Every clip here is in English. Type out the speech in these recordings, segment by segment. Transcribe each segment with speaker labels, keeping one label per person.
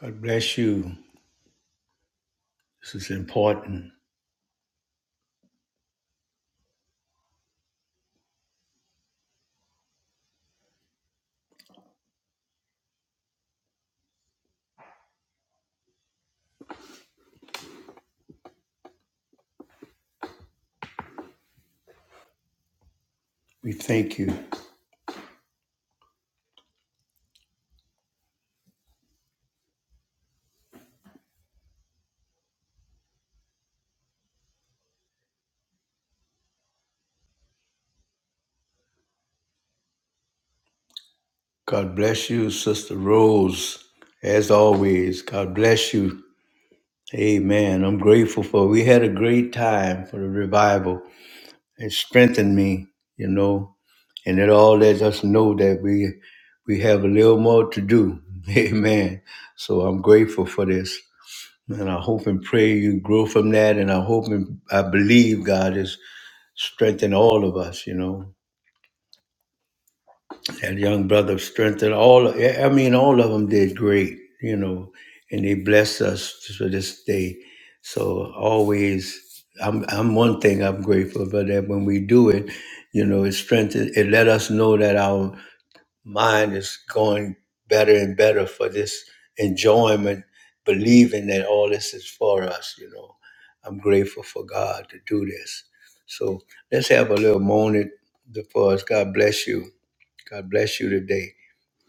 Speaker 1: God bless you. This is important. We thank you. God bless you, Sister Rose. As always, God bless you. Amen. I'm grateful for we had a great time for the revival. It strengthened me, you know, and it all lets us know that we we have a little more to do. Amen. So I'm grateful for this. And I hope and pray you grow from that. And I hope and I believe God has strengthened all of us, you know. that young brother strengthened all i mean all of them did great you know and they blessed us for this day so always i'm i'm one thing i'm grateful for that when we do it you know it strengthens it let us know that our mind is going better and better for this enjoyment believing that all this is for us you know i'm grateful for god to do this so let's have a little moment before us god bless you God bless you today.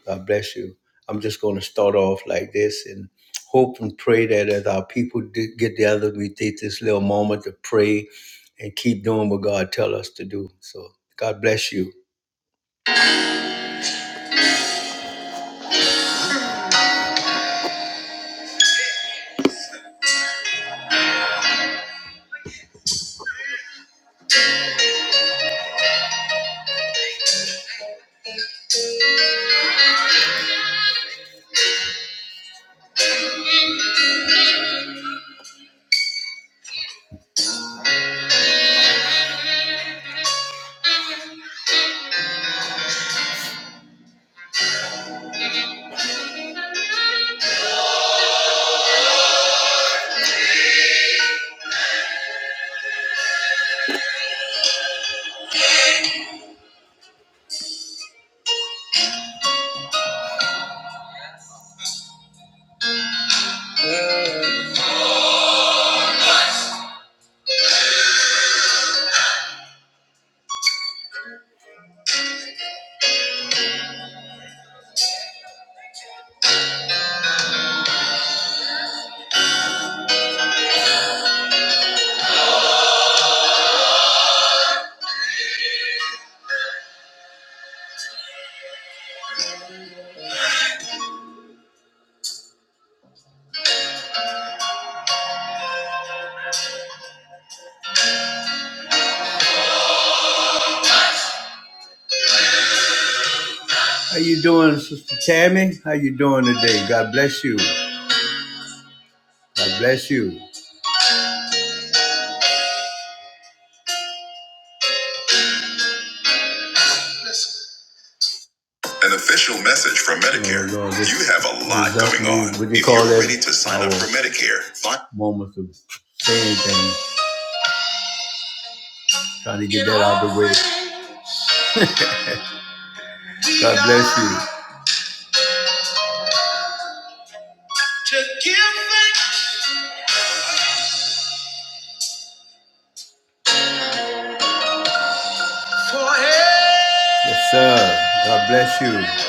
Speaker 1: God bless you. I'm just going to start off like this and hope and pray that as our people do get together, we take this little moment to pray and keep doing what God tell us to do. So God bless you. How you doing, Sister Tammy? How you doing today? God bless you. God bless you. An official message from Medicare. Oh, Lord, this- you have a lot this going on. What do you if call you're that? ready to sign up for Medicare, moments of saying things, trying to get that out of the way. God bless you. To give thanks for it. Yes, sir. God bless you.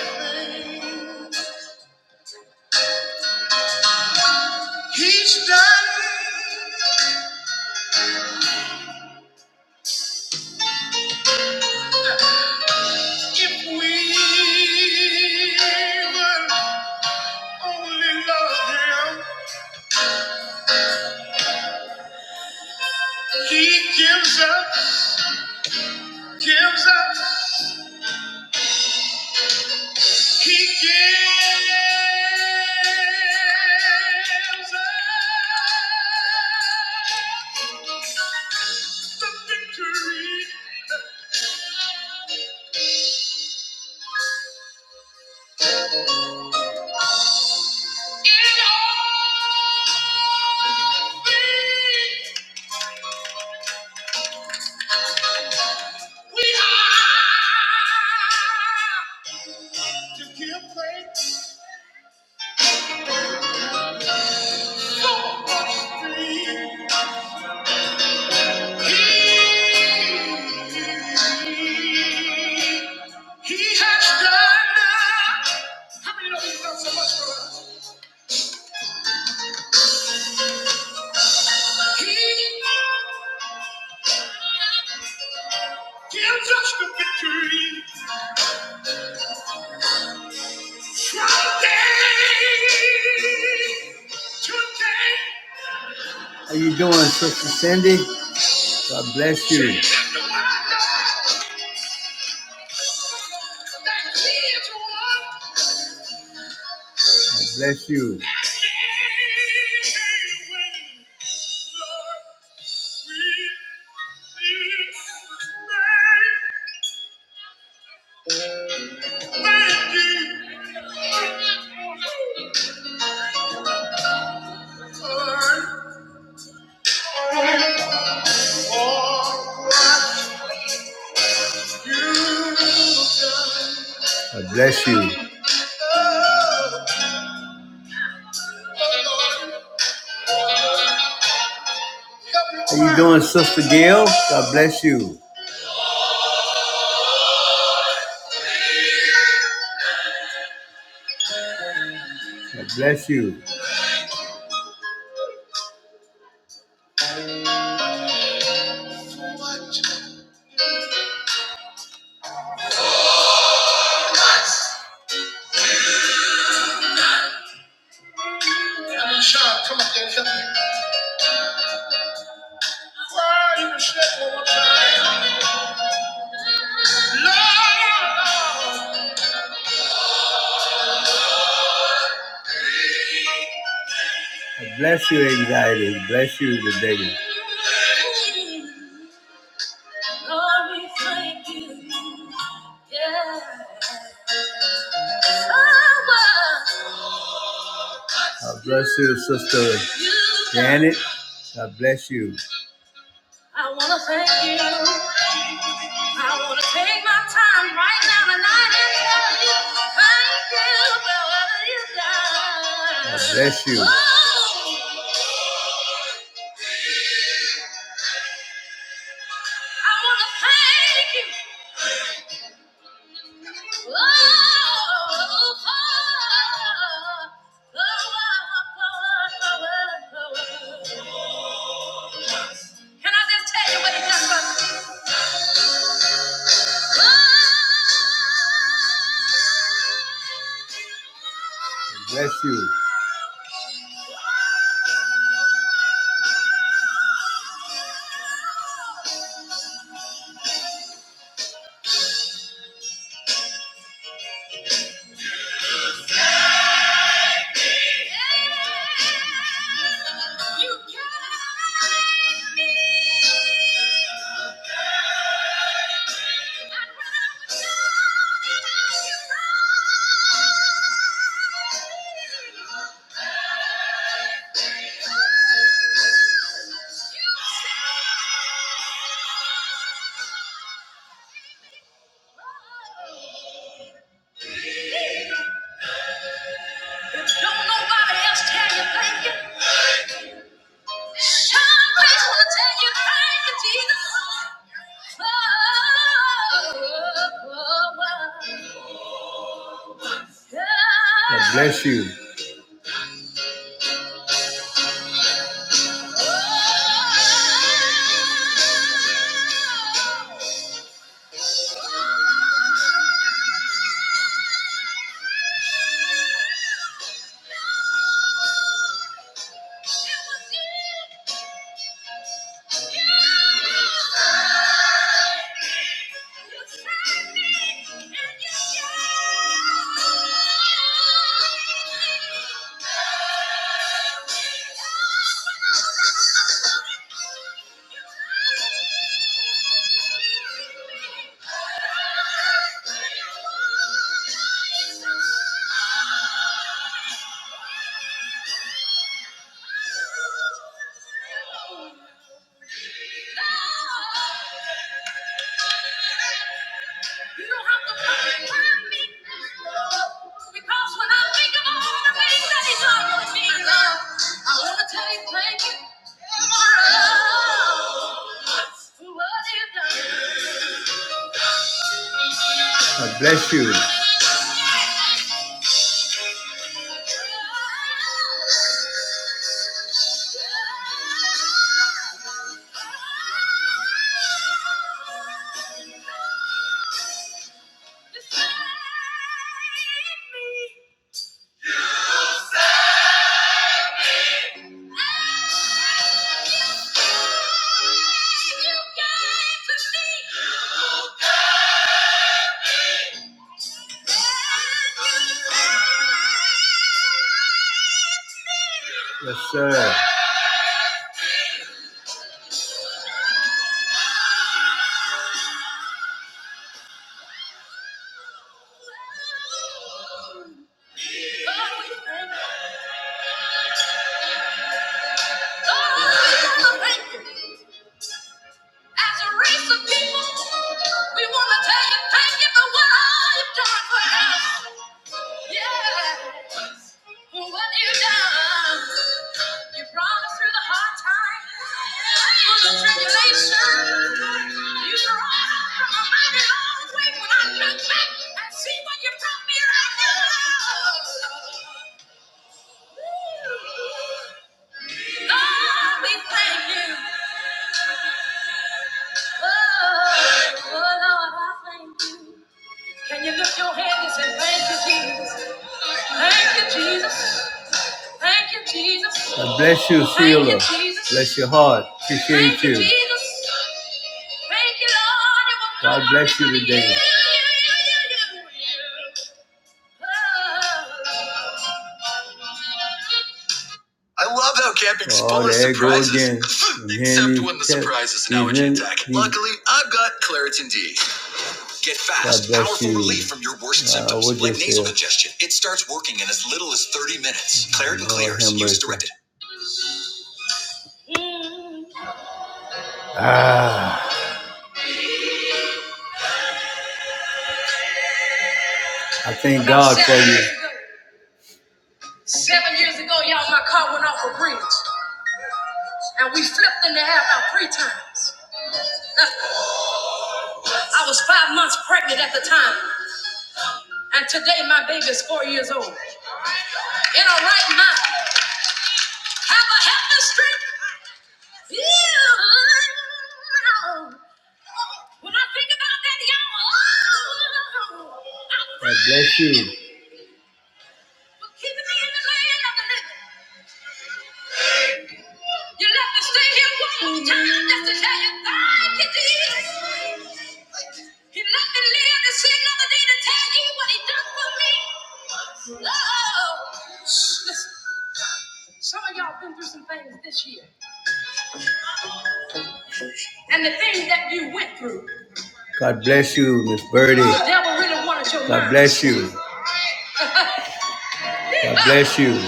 Speaker 1: He's done if we will only love him. He gives up, gives up. He gives us the victory. In all things, we are to give thanks for what we He has done. How many know he's done so much for us? He gives us the victory from day to day. How you doing, Sister Cindy? God bless you. God bless you. God bless you. How you doing, Sister Gail? God bless you. God bless you. Come up there and help me. Cry, you can shake one more time. Lord, Lord. Bless you, anxiety. Bless you, the baby. Glory, Yeah. God bless you, Sister Janet. God bless you. I want to thank you. I want to take my time right now tonight and tell you thank you for what you've done. God bless you. Oh, I want to thank you. Can I just tell you what he done for me? Bless you. do bless you. Thank you. Oh! You don't have to purify me. Because when I think of all the things that he's done for me, I want to tell you thank you. For what you've done. God bless you. Yes, sir. As a race of people, we want to tell you thank you for what all you've done for us. Yeah, for what you've done. You brought us through the hard times, through the tribulation. You brought us from a mighty long way when I look back and see what you brought me right now. Lord, we thank you. Oh, oh Lord, I thank you. Can you lift your hand and say, Thank you, Jesus? Thank you, Jesus. Thank you, Jesus. God bless you, Sheila. Bless your heart. Appreciate Thank you. Thank you. Jesus. Thank you, Lord. God bless you today. I love how camping oh, spoilers there it go surprises, again. Except when the cat- surprise is an in- allergy attack. these- Luckily, I've got Claritin D. Get fast, powerful you. relief from your worst Uh, symptoms like nasal feel? congestion. It starts working in as little as 30 minutes. Claritin Lord clears. have Use directed. Ah, I thank God for you. Seven years ago, y'all, my car went off a bridge, and we flipped in the air about three times. I was five months pregnant at the time, and today my baby is four years old. In her right mind, Have I had the strength? Yeah. When I think about that, y'all, oh, God bless you. For keeping me in the land of the living. You left me stay here one more time just to tell you thank you, Jesus. He let me live to see another day to tell you what he done for me. Oh, listen. Some of y'all been through some things this year. And the things that you went through God bless you, Miss Birdie. really God bless you. God bless you. I'm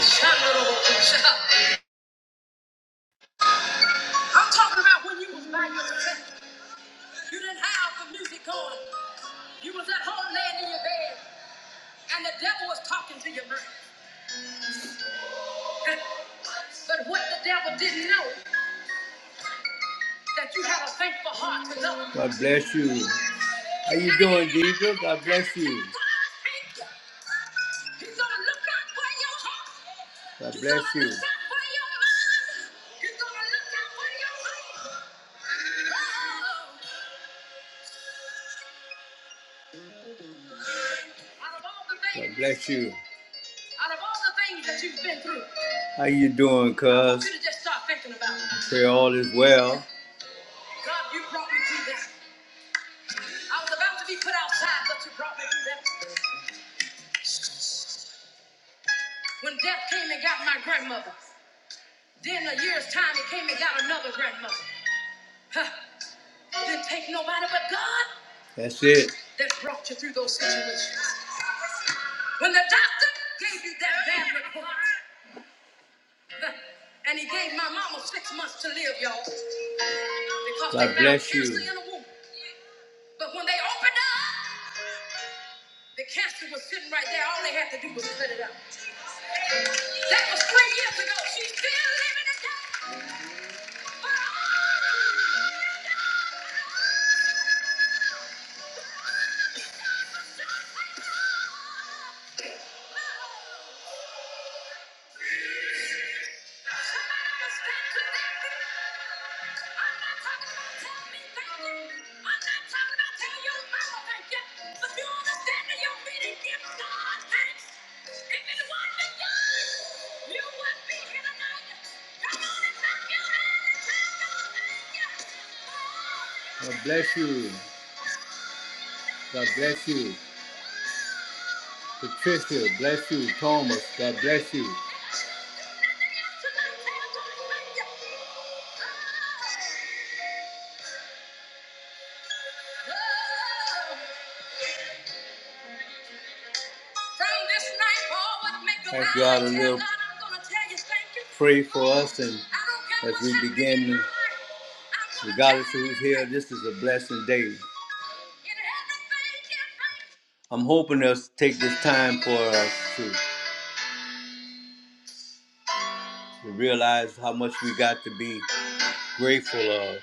Speaker 1: talking about when you was by yourself. You didn't have the music going. You was at home laying in your bed, and the devil was talking to your mind. But what the devil didn't know, that you had a thankful heart to God bless you. How you doing, Deidre? God bless you. God bless you. God bless you. How you doing, cuz? Pray all is well. God, you brought me through this. I was about to be put outside, but you brought me through that. When death came and got my grandmother, Then a year's time, he came and got another grandmother. Huh. Didn't take nobody but God. That's it. That brought you through those situations. When the doctor gave you that bad report, huh, and he gave my mama six months to live, y'all, because God they found bless you. cancer in the womb. But when they opened up, the cancer was sitting right there. All they had to do was cut it out. That was three years ago. She's still living it down. God bless you. God bless you. Patricia, bless you. Thomas, God bless you. Thank God all to live. Pray for us, and as we begin, regardless of who's here, this is a blessing day. I'm hoping us to take this time for us to, to realize how much we got to be grateful of.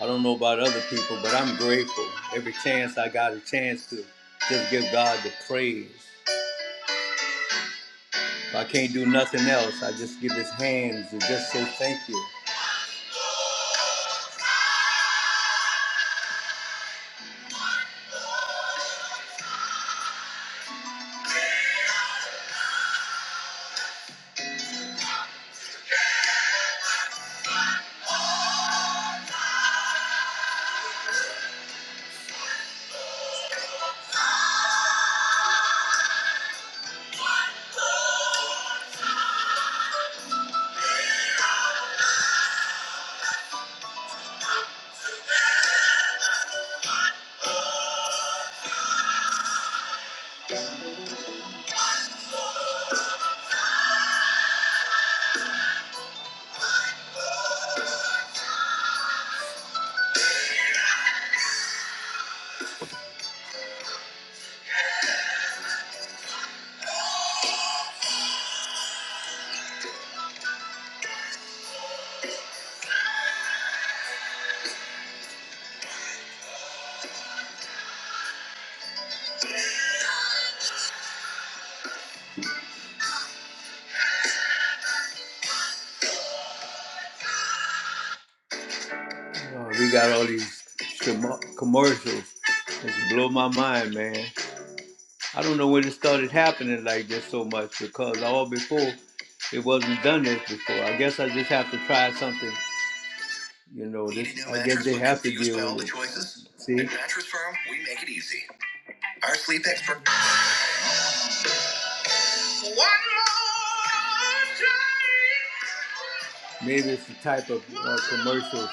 Speaker 1: I don't know about other people, but I'm grateful. Every chance I got a chance to just give God the praise. If I can't do nothing else, I just give his hands and just say thank you. Oh, we got all these com- commercials. It's blow my mind, man. I don't know when it started happening like this so much because all before it wasn't done this before. I guess I just have to try something. You know, this. I guess they have to deal with it. See. At Mattress Firm, we make it easy. Our sleep expert One more time. Maybe it's the type of uh, commercial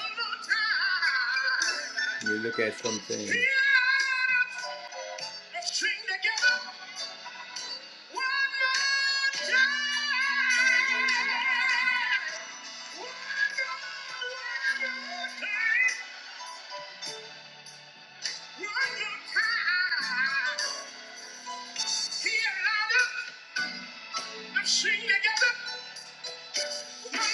Speaker 1: you look at something. Sing together. One more time.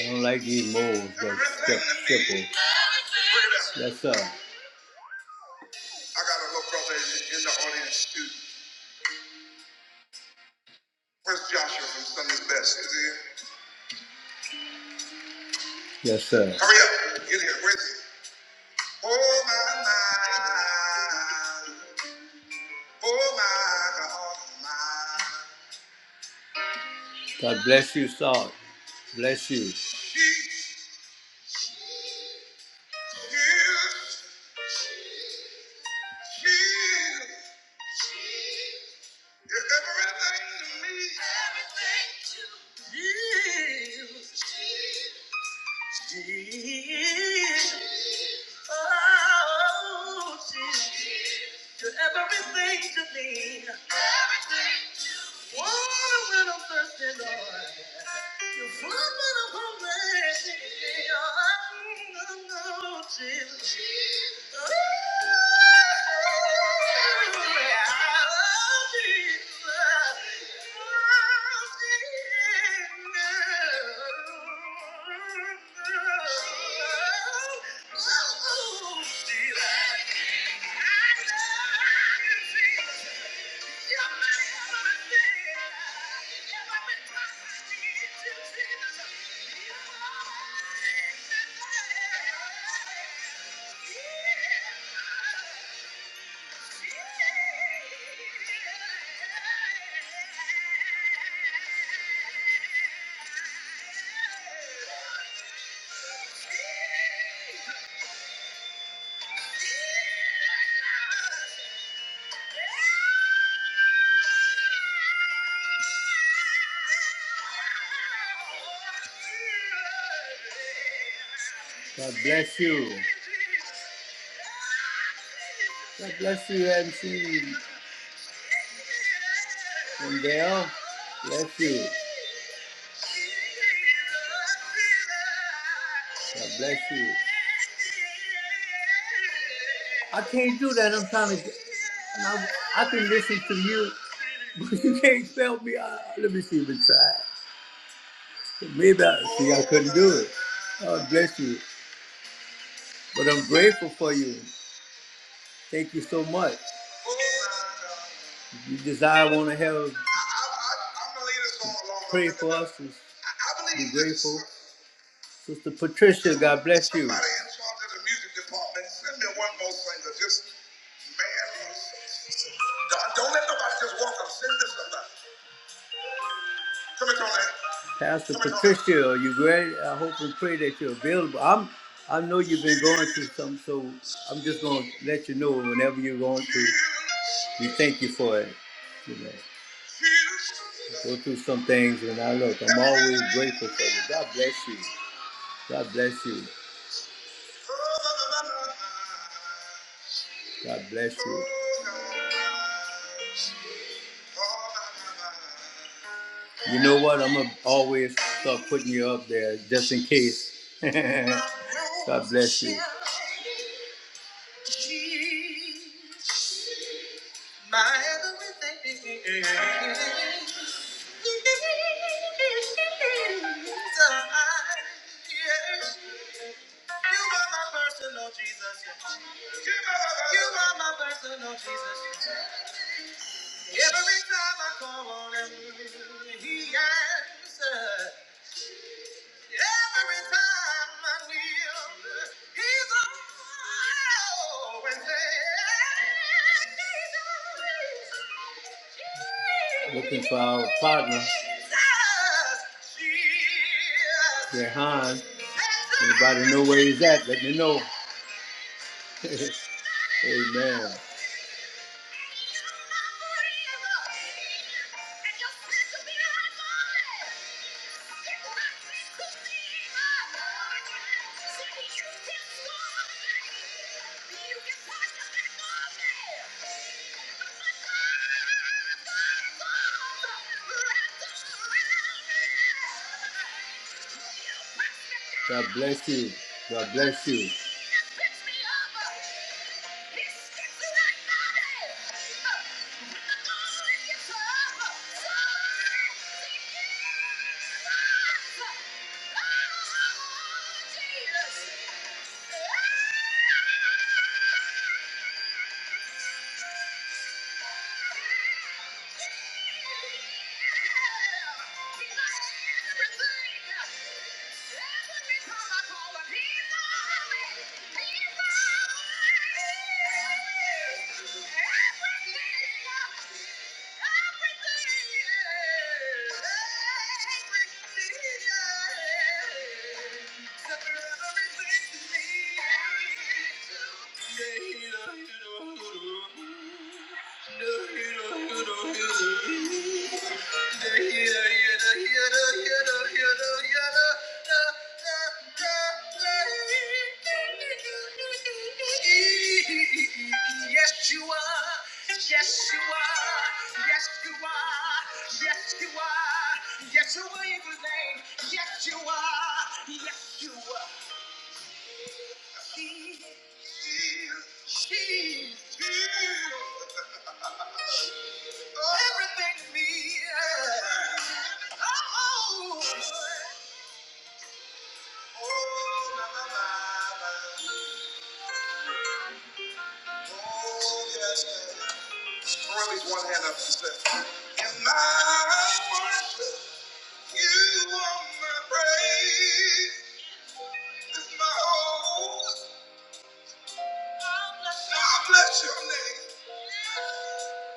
Speaker 1: I don't like these molds. that step, stipple. Yes, sir. I got a little brother in the audience too. Where's Joshua from Sunday's Best? Is he here? Yes, sir. Hurry up. Get here. Where's he? Oh, my, my. Oh, my, God, my. God bless you, Saul. Bless you. Yeah. God bless you. God bless you, MC. And Lindell, bless you. God bless you. I can't do that. I'm trying to. I, I can listen to you, but you can't spell me. Uh, let me see if I try. Maybe I see. I couldn't do it. God bless you. But I'm grateful for you. Thank you so much. If you desire, want to have pray for us. Be grateful. Sister Patricia, God bless you. Somebody in charge of the music department, send me one more singer. Just man, don't, don't let nobody just walk up. Send this somebody. Come here, Tony. Pastor Come here, Tony. Patricia, are you ready? I hope and pray that you're available. I'm. I know you've been going through something, so I'm just gonna let you know whenever you're going through. We thank you for it. You know, I go through some things, and I look. I'm always grateful for you. God bless you. God bless you. God bless you. You know what? I'm gonna always start putting you up there just in case. God bless you. You are my personal Jesus. You are my personal Jesus. Every time I call on him, he answers. Every time I kneel, he's always there. Looking for our partner, Rehan. Anybody know where he's at? Let me know. Amen. God bless you. God bless you. Yeah! Thank you. Yes, you are. Yes, you are. Yes, you are. Yes, you are. Yes, you are in the name. Yes, you are. Yes, you are. He is. She is. Everything in me. Oh. Raise one hand up and say, "In my worship, you are my praise, is my whole. I bless your name.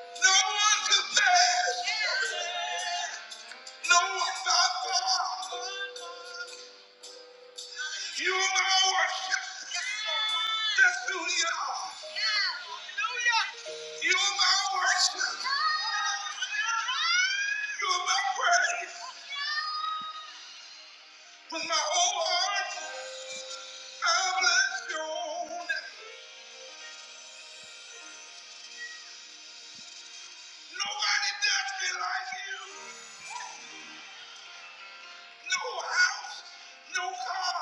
Speaker 1: No one compares. No one by far. You are worship. That's who you are. Hallelujah. You are my worship. You are my praise. With my whole heart, I bless your holy Nobody does this. No house, no car.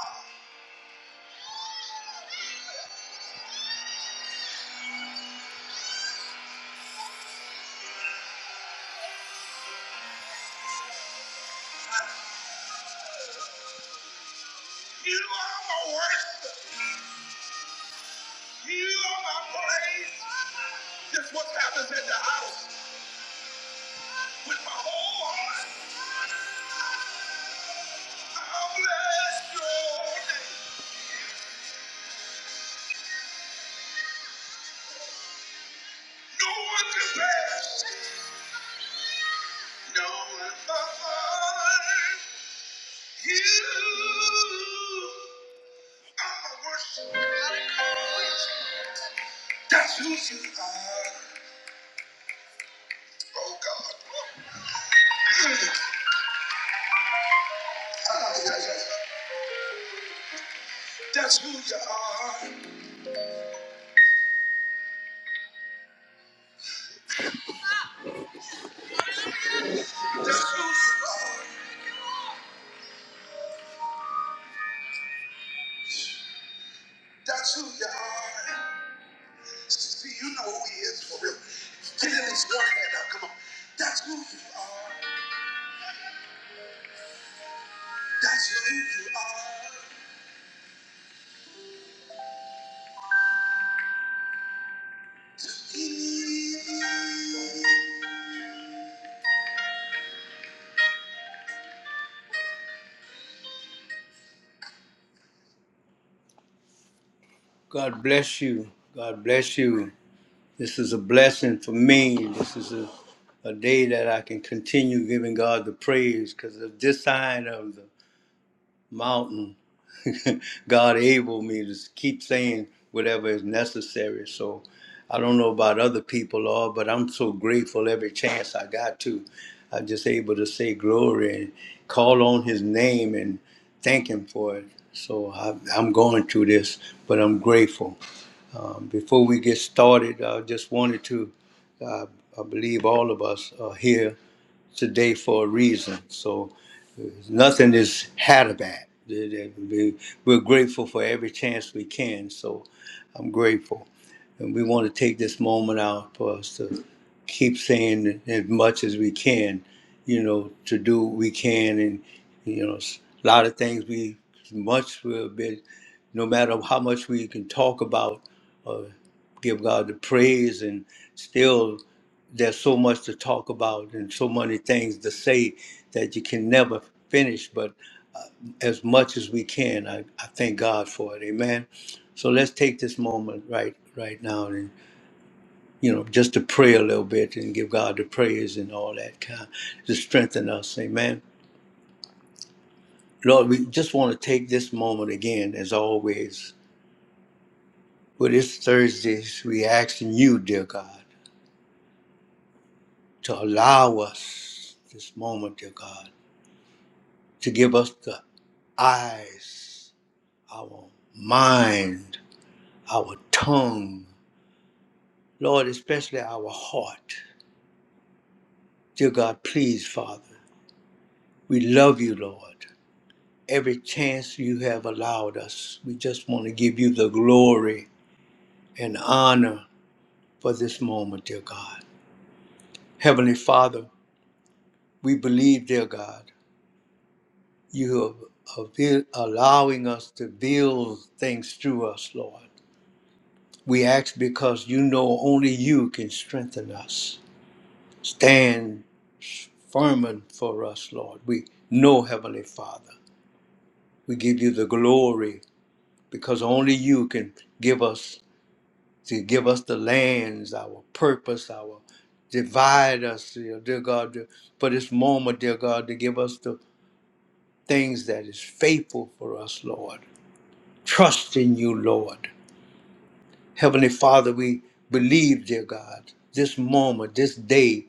Speaker 1: You are my worship. You are my praise. That's what happens at the house. With my whole heart, I bless your name. No one compares, no one but you. I'm a worship. God. That's who you are. Oh God. Ah, yeah, yeah. God bless you. God bless you. This is a blessing for me. This is a, a day that I can continue giving God the praise because of this side of the mountain. God able me to keep saying whatever is necessary. So I don't know about other people, Lord, but I'm so grateful every chance I got to. I'm just able to say glory and call on His name and thank Him for it. So I, I'm going through this, but I'm grateful. Um, before we get started, I just wanted to, uh, I believe all of us are here today for a reason. So uh, nothing is had of We're grateful for every chance we can. So I'm grateful. And we want to take this moment out for us to keep saying as much as we can, you know, to do what we can. And, you know, s- a lot of things we, much will be, no matter how much we can talk about, uh, give God the praise, and still there's so much to talk about and so many things to say that you can never finish. But as much as we can, I, I thank God for it. Amen. So let's take this moment right right now you know, just to pray a little bit and give God the praise and all that kind to strengthen us. Amen. Lord, we just want to take this moment again, as always, for this Thursday, we asking you, dear God, to allow us this moment, dear God, to give us the eyes, our mind, our tongue, Lord, especially our heart. Dear God, please, Father, we love you, Lord. every chance you have allowed us. We just want to give you the glory and honor for this moment, dear God. Heavenly Father, we believe, dear God, you are avail- allowing us to build things through us, Lord. We ask because you know only you can strengthen us. Stand firm for us, Lord. We know, Heavenly Father, we give you the glory because only you can give us to give us the lands, our purpose, our divide us, dear, dear God, to- for this moment, dear God, to give us the things that is faithful for us, Lord. Trust in you, Lord. Heavenly Father, we believe, dear God, this moment, this day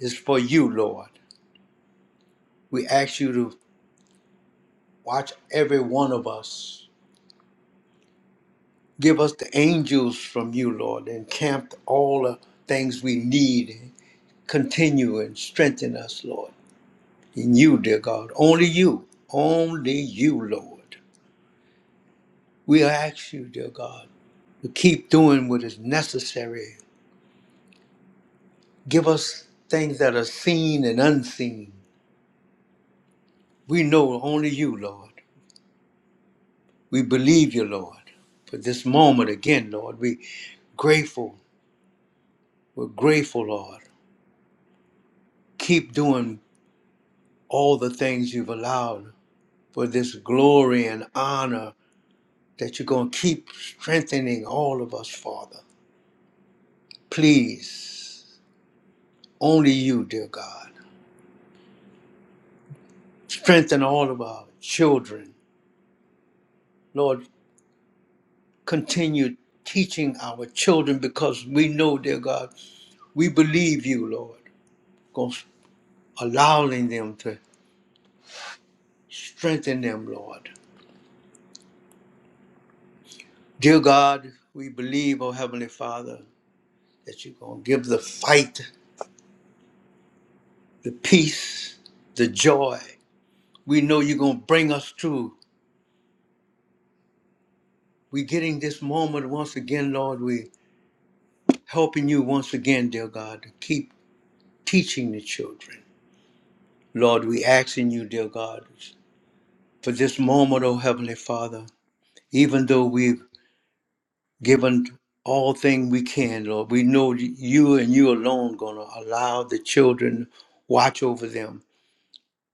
Speaker 1: is for you, Lord. We ask you to watch every one of us. Give us the angels from you, Lord, and camp all the things we need. Continue and strengthen us, Lord. in you, dear God. Only you. Only you, Lord. We ask you, dear God, to keep doing what is necessary. Give us things that are seen and unseen. We know only you, Lord. We believe you, Lord. For this moment again, Lord, we grateful. We're grateful, Lord. Keep doing all the things you've allowed for this glory and honor that you're going to keep strengthening all of us, Father. Please. Only you, dear God. Strengthen all of our children. Lord, continue teaching our children because we know, dear God, we believe you, Lord. Go- Allowing them to strengthen them, Lord. Dear God, we believe, oh Heavenly Father, that you're going to give the fight, the peace, the joy. We know you're going to bring us through. We're getting this moment once again, Lord. We're helping you once again, dear God, to keep teaching the children. Lord, we ask in you, dear God, for this moment, oh Heavenly Father, even though we've given all thing we can, Lord, we know you and you alone gonna allow the children watch over them,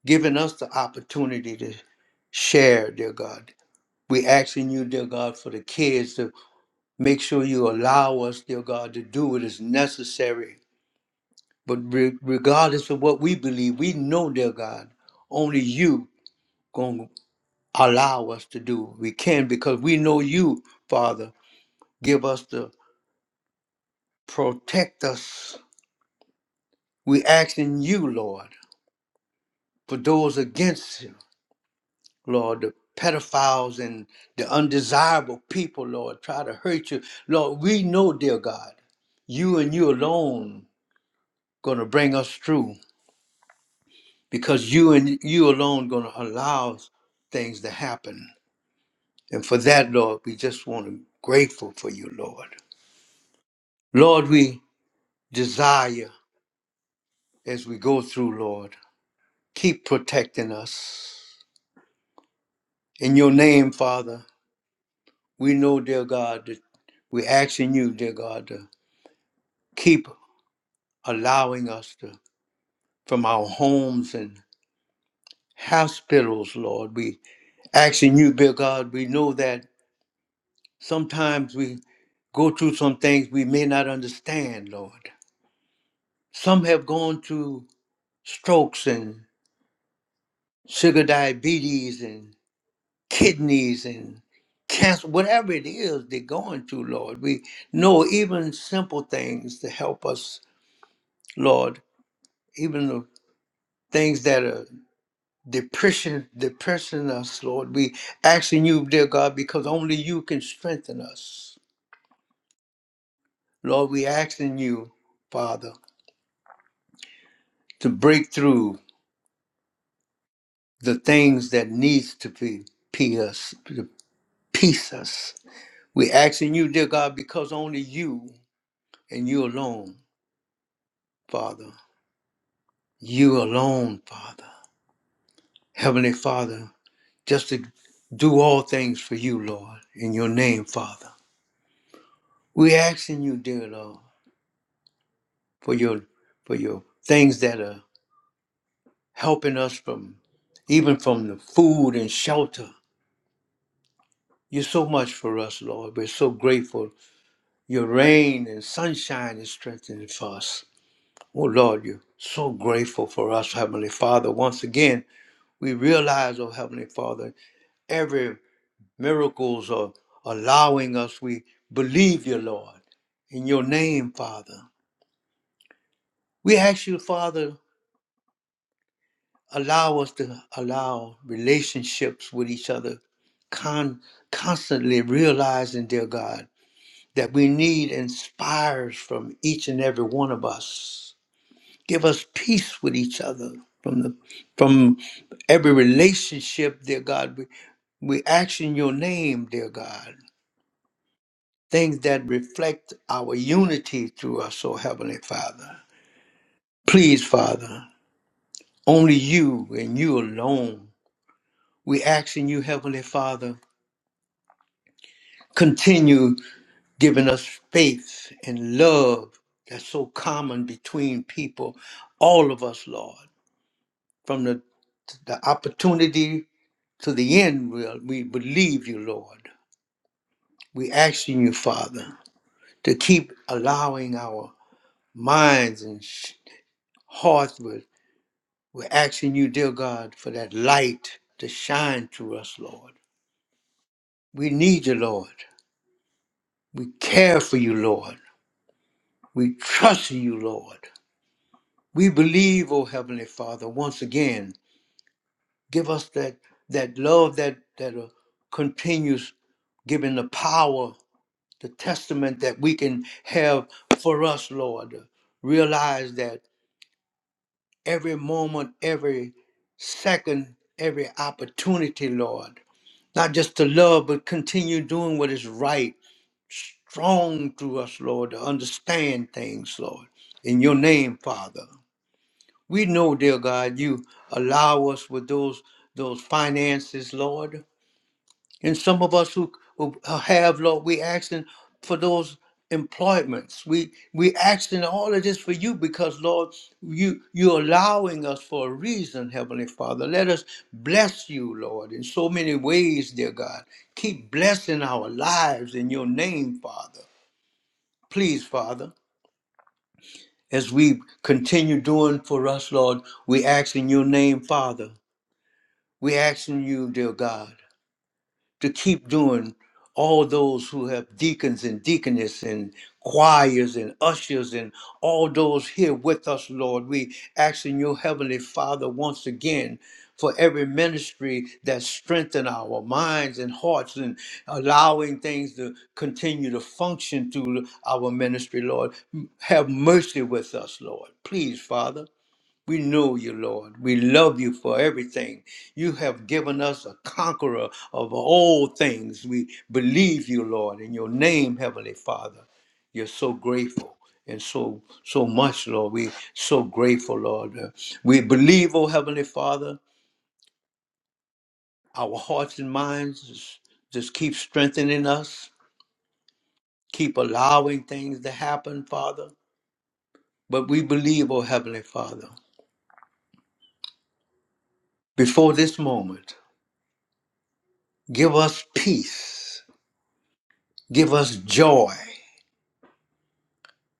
Speaker 1: giving us the opportunity to share, dear God. We asking you, dear God, for the kids to make sure you allow us, dear God, to do what is necessary. But re- regardless of what we believe, we know, dear God, only you gonna. allow us to do. We can because we know you, Father. Give us the protect us. We asking you, Lord, for those against you, Lord, the pedophiles and the undesirable people, Lord, try to hurt you. Lord, we know, dear God, you and you alone gonna bring us through because you and you alone gonna allow things to happen. And for that, Lord, we just want to grateful for you, Lord. Lord, we desire as we go through, Lord. Keep protecting us. In your name, Father, we know, dear God, that we're asking you, dear God, to keep allowing us to, from our homes and hospitals, Lord. We asking you, dear God, we know that sometimes we go through some things we may not understand, Lord. Some have gone through strokes and sugar diabetes and. kidneys and cancer, whatever it is they're going through, Lord. We know even simple things to help us, Lord, even the things that are depression depressing us, Lord. We asking you, dear God, because only you can strengthen us. Lord, we asking you, Father, to break through the things that needs to be pee us, to piece us. We asking you, dear God, because only you and you alone, Father. you alone, Father. Heavenly Father, just to do all things for you, Lord, in your name, Father. we asking you, dear Lord, for your for your things that are helping us from even from the food and shelter. You're so much for us, Lord. We're so grateful. Your rain and sunshine is strengthening for us. Oh Lord, you're so grateful for us, Heavenly Father. Once again, we realize, oh Heavenly Father, every Miracles are allowing us. We believe you, Lord, in your name, Father. We ask you, Father, allow us to allow relationships with each other, con- constantly realizing, dear God, that we need inspires from each and every one of us. Give us peace with each other from the from every relationship, dear God. We, we ask in your name, dear God. things that reflect our unity through us, O Heavenly Father. Please, Father, only you and you alone. We ask in you, Heavenly Father, continue giving us faith and love that's so common between people, all of us, Lord. From the, the opportunity to the end, we, we believe you, Lord. We asking you, Father, to keep allowing our minds and sh- hearts with We're asking you, dear God, for that light to shine through us, Lord. We need you, Lord. We care for you, Lord. We trust in you, Lord. We believe, O Heavenly Father, once again, give us that, that love that, that uh, continues giving the power, the testament that we can have for us, Lord. Realize that every moment, every second, every opportunity, Lord. Not just to love, but continue doing what is right. Strong through us, Lord, to understand things, Lord. In your name, Father. We know, dear God, you allow us with those those finances, Lord. And some of us who, who have, Lord, we asking for those employments. We we asking all of this for you because, Lord, you you're allowing us for a reason, Heavenly Father. Let us bless you, Lord, in so many ways, dear God. Keep blessing our lives in your name, Father. Please, Father, as we continue doing for us, Lord, we ask in your name, Father. We asking you, dear God. to keep doing all those who have deacons and deaconess and choirs and ushers and all those here with us, Lord. We ask in your heavenly Father once again for every ministry that strengthen our minds and hearts and allowing things to continue to function through our ministry, Lord. Have mercy with us, Lord. Please, Father. We know you, Lord. We love you for everything. You have given us a conqueror of all things. We believe you, Lord, in your name, Heavenly Father. You're so grateful and so so much, Lord. We so grateful, Lord. Uh, We believe, oh Heavenly Father, our hearts and minds just, just keep strengthening us, keep allowing things to happen, Father. But we believe, oh Heavenly Father, before this moment, give us peace Give us joy.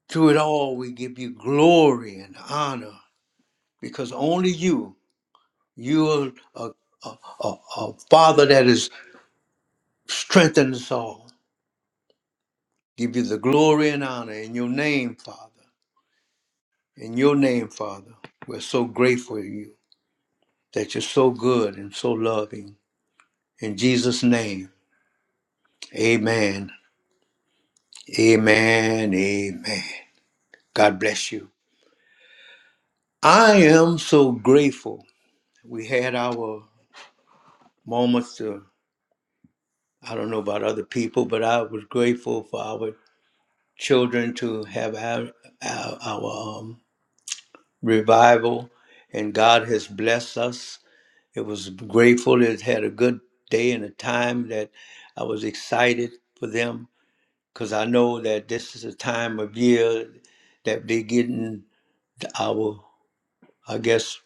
Speaker 1: Through it all, we give you glory and honor because only you, you are a, a, a, a Father that is strengthening us all. Give you the glory and honor in your name, Father. In your name, Father. We're so grateful to you that you're so good and so loving. In Jesus' name, amen. Amen. Amen. God bless you. I am so grateful. We had our moments. I don't know about other people, but I was grateful for our children to have our, our, our um, revival, and God has blessed us. It was grateful. It had a good day and a time that I was excited for them because I know that this is a time of year that they're getting our, I guess,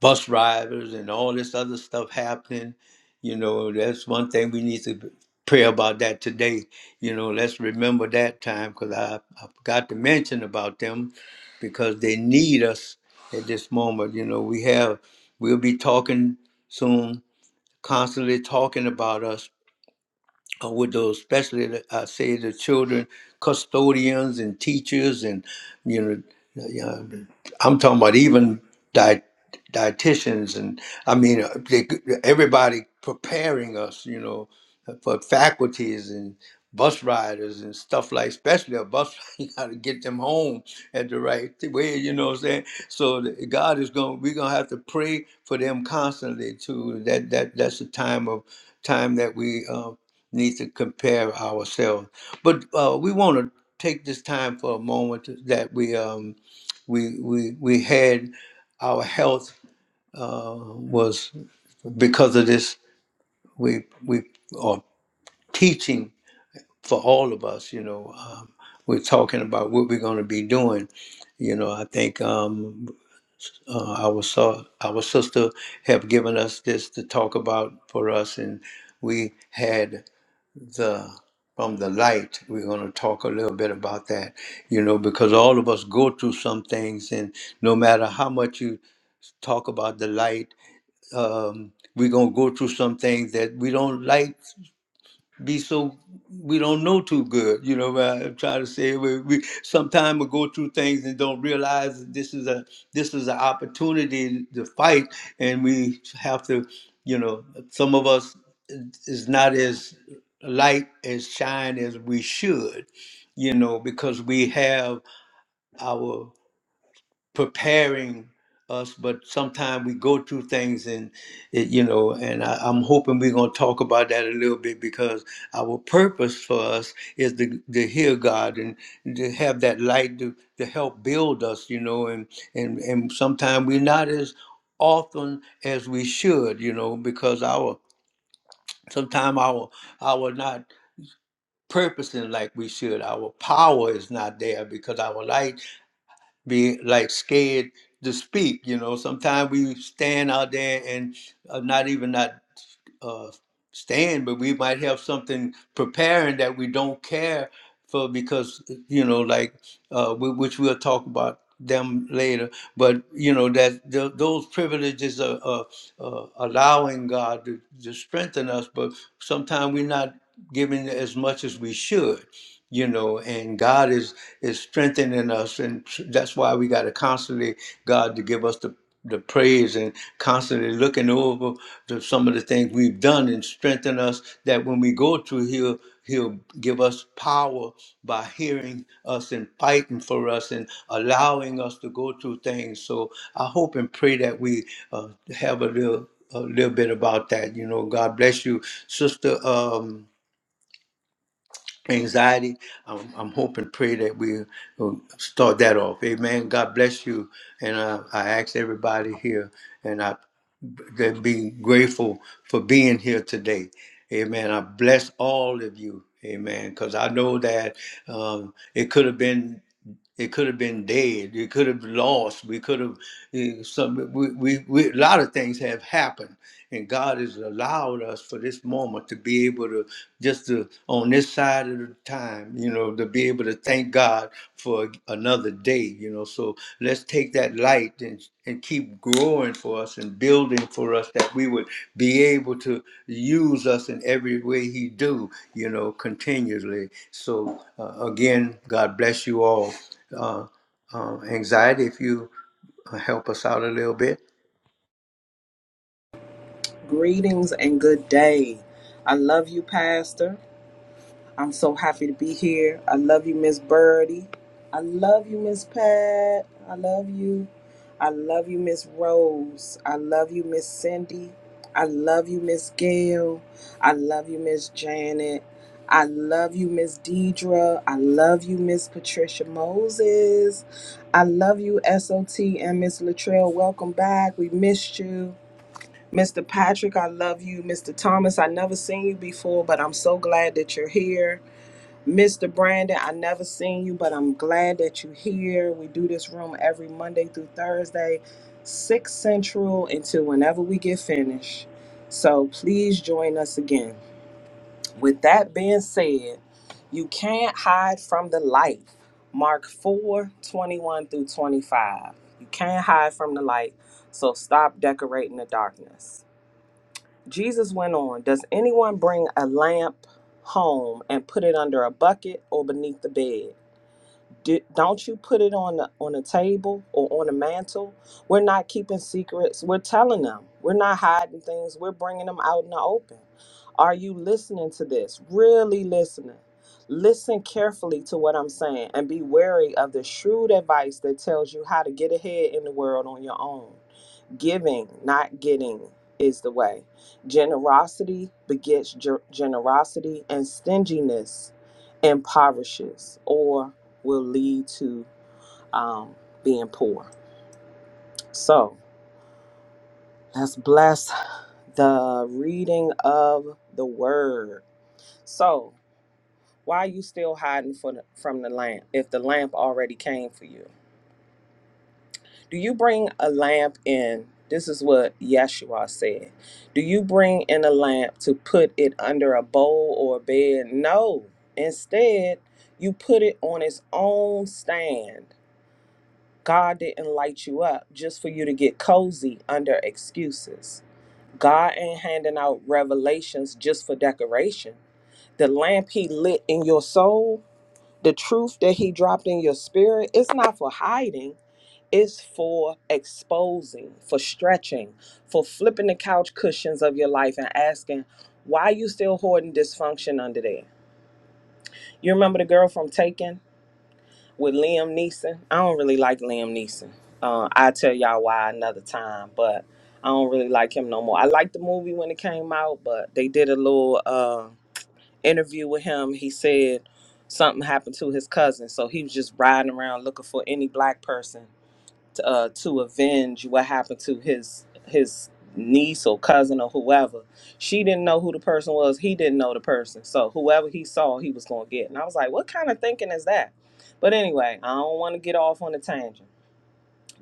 Speaker 1: bus drivers and all this other stuff happening. You know, that's one thing we need to pray about that today. You know, let's remember that time because I, I forgot to mention about them because they need us at this moment. You know, we have, we'll be talking soon, constantly talking about us uh, with those, especially the, I say the children, custodians and teachers, and you know, you know, I'm talking about even diet, dietitians, and I mean uh, they, everybody preparing us, you know, uh, for faculties and bus riders and stuff like, especially a bus, you got to get them home at the right way, you know what I'm saying? So the- God is going, to we're going to have to pray for them constantly too. That, that, that's the time of time that we, uh, need to compare ourselves. But uh, we want to take this time for a moment that we um, we we we had our health uh, was because of this. We we are teaching for all of us. You know, um, we're talking about what we're going to be doing. You know, I think um, uh, our so- our sister have given us this to talk about for us, and we had. the from the light. We're going to talk a little bit about that, you know, because all of us go through some things, and no matter how much you talk about the light, um, we're going to go through some things that we don't like be so we don't know too good. You know, I try to say we, we sometimes we go through things and don't realize that this is a this is an opportunity to fight, and we have to, you know, some of us uh, is not as light as shine as we should, you know, because we have our preparing us, but sometimes we go through things and it, you know, and I, I'm hoping we're gonna talk about that a little bit because our purpose for us is to, to hear God and to have that light to, to help build us, you know, and and and sometimes we're not as often as we should, you know, because our sometimes our our not purposing like we should. Our power is not there because our light be like scared to speak. You know, sometimes we stand out there and uh, not even not uh, stand, but we might have something preparing that we don't care for because you know, like uh, whi- which we'll talk about them later. But you know that th- those privileges are, are, are allowing God to, to strengthen us, but sometimes we're not giving as much as we should. You know, and God is is strengthening us, and that's why we got to constantly God to give us the the praise and constantly looking over the, some of the things we've done and strengthen us that when we go through he'll he'll give us power by hearing us and fighting for us and allowing us to go through things so i hope and pray that we uh, have a little a little bit about that you know god bless you sister Um, anxiety. I'm, I'm hoping, pray that we will start that off. Amen. God bless you. And uh, I ask everybody here, and I to be grateful for being here today. Amen. I bless all of you. Amen. Because I know that um, it could have been it could have been dead. It could have lost. We could have eh, some. We, we, we a lot of things have happened and God has allowed us for this moment to be able to just to on this side of the time, you know, to be able to thank God for another day, you know. So let's take that light and and keep growing for us and building for us that we would be able to use us in every way He do, you know, continuously. So uh, again, God bless you all. Uh, um, anxiety, if you uh, help us out a little bit.
Speaker 2: Greetings and good day. I love you, Pastor. I'm so happy to be here. I love you, Miss Birdie. I love you, Miss Pat. I love you. I love you, Miss Rose. I love you, Miss Cindy. I love you, Miss Gail. I love you, Miss Janet. I love you, Miss Deidre. I love you, Miss Patricia Moses. I love you, SOT and Miss Latrell. Welcome back. We missed you. Mr. Patrick, I love you. Mr. Thomas, I never seen you before, but I'm so glad that you're here. Mr. Brandon, I never seen you, but I'm glad that you're here. We do this room every Monday through Thursday, 6 Central until whenever we get finished. So please join us again. With that being said, you can't hide from the light. Mark 4 21 through 25. You can't hide from the light, so stop decorating the darkness. Jesus went on, Does anyone bring a lamp home and put it under a bucket or beneath the bed? Do, don't you put it on the, on a table or on a mantle? We're not keeping secrets. We're telling them. We're not hiding things. We're bringing them out in the open. Are you listening to this? Really listening? Listen carefully to what I'm saying and be wary of the shrewd advice that tells you how to get ahead in the world on your own. Giving, not getting, is the way. Generosity begets ger- generosity, and stinginess impoverishes or will lead to um, being poor. So let's bless the reading of the word. So, why are you still hiding for the, from the lamp if the lamp already came for you? Do you bring a lamp in? This is what Yeshua said. Do you bring in a lamp to put it under a bowl or a bed? No. Instead, you put it on its own stand. God didn't light you up just for you to get cozy under excuses. God ain't handing out revelations just for decoration. The lamp he lit in your soul, the truth that he dropped in your spirit, it's not for hiding is for exposing, for stretching, for flipping the couch cushions of your life and asking, why are you still hoarding dysfunction under there? You remember the girl from Taken with Liam Neeson? I don't really like Liam Neeson. Uh, I tell y'all why another time, but I don't really like him no more. I liked the movie when it came out, but they did a little uh, interview with him. He said something happened to his cousin, so he was just riding around looking for any black person uh, to avenge what happened to his his niece or cousin or whoever. She didn't know who the person was. He didn't know the person. So whoever he saw, he was gonna get. And I was like, what kind of thinking is that? But anyway, I don't want to get off on a tangent.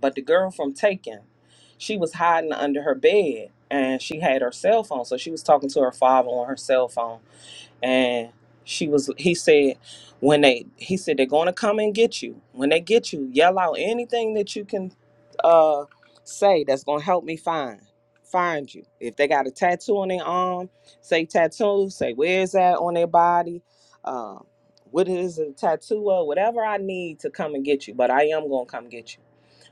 Speaker 2: But the girl from Taken, she was hiding under her bed and she had her cell phone. So she was talking to her father on her cell phone and she was he said when they he said they're going to come and get you when they get you yell out anything that you can uh say that's going to help me find find you if they got a tattoo on their arm say tattoo say where is that on their body um what is a tattoo of whatever i need to come and get you but i am going to come get you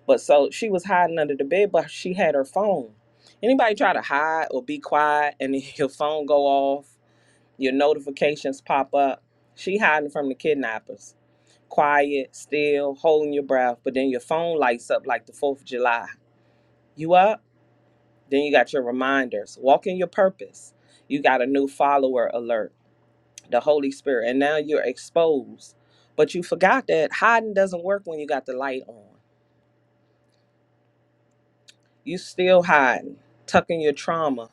Speaker 2: but so she was hiding under the bed but she had her phone anybody try to hide or be quiet and your phone go off your notifications pop up. She hiding from the kidnappers. Quiet, still, holding your breath, but then your phone lights up like the 4th of July. You up? Then you got your reminders. Walking your purpose. You got a new follower alert, the Holy Spirit, and now you're exposed. But you forgot that hiding doesn't work when you got the light on. You still hiding, tucking your trauma,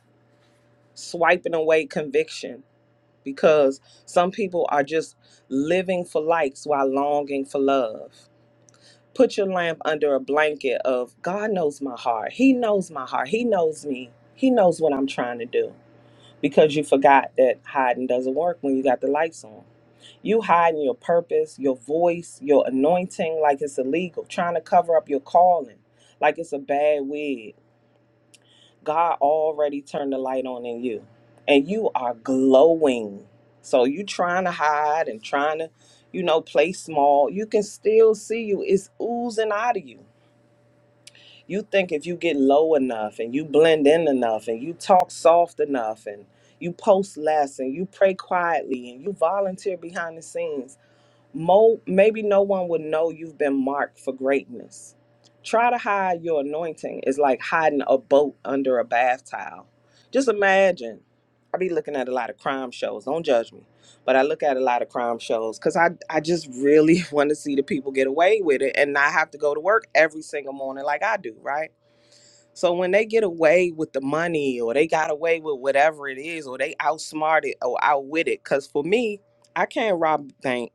Speaker 2: swiping away conviction because some people are just living for likes while longing for love. put your lamp under a blanket of God knows my heart. He knows my heart. He knows me. He knows what I'm trying to do. Because you forgot that hiding doesn't work when you got the lights on. You hiding your purpose, your voice, your anointing like it's illegal, trying to cover up your calling like it's a bad wig. God already turned the light on in you and you are glowing. So you trying to hide and trying to, you know, play small. You can still see you. It's oozing out of you you think if you get low enough and you blend in enough and you talk soft enough and you post less and you pray quietly and you volunteer behind the scenes Mo, maybe no one would know you've been marked for greatness. Try to hide your anointing is like hiding a boat under a bath towel. Just imagine. I be looking at a lot of crime shows. Don't judge me, but I look at a lot of crime shows because I I just really want to see the people get away with it and not have to go to work every single morning like I do, right? So when they get away with the money or they got away with whatever it is or they outsmarted or outwitted, because for me, I can't rob a bank,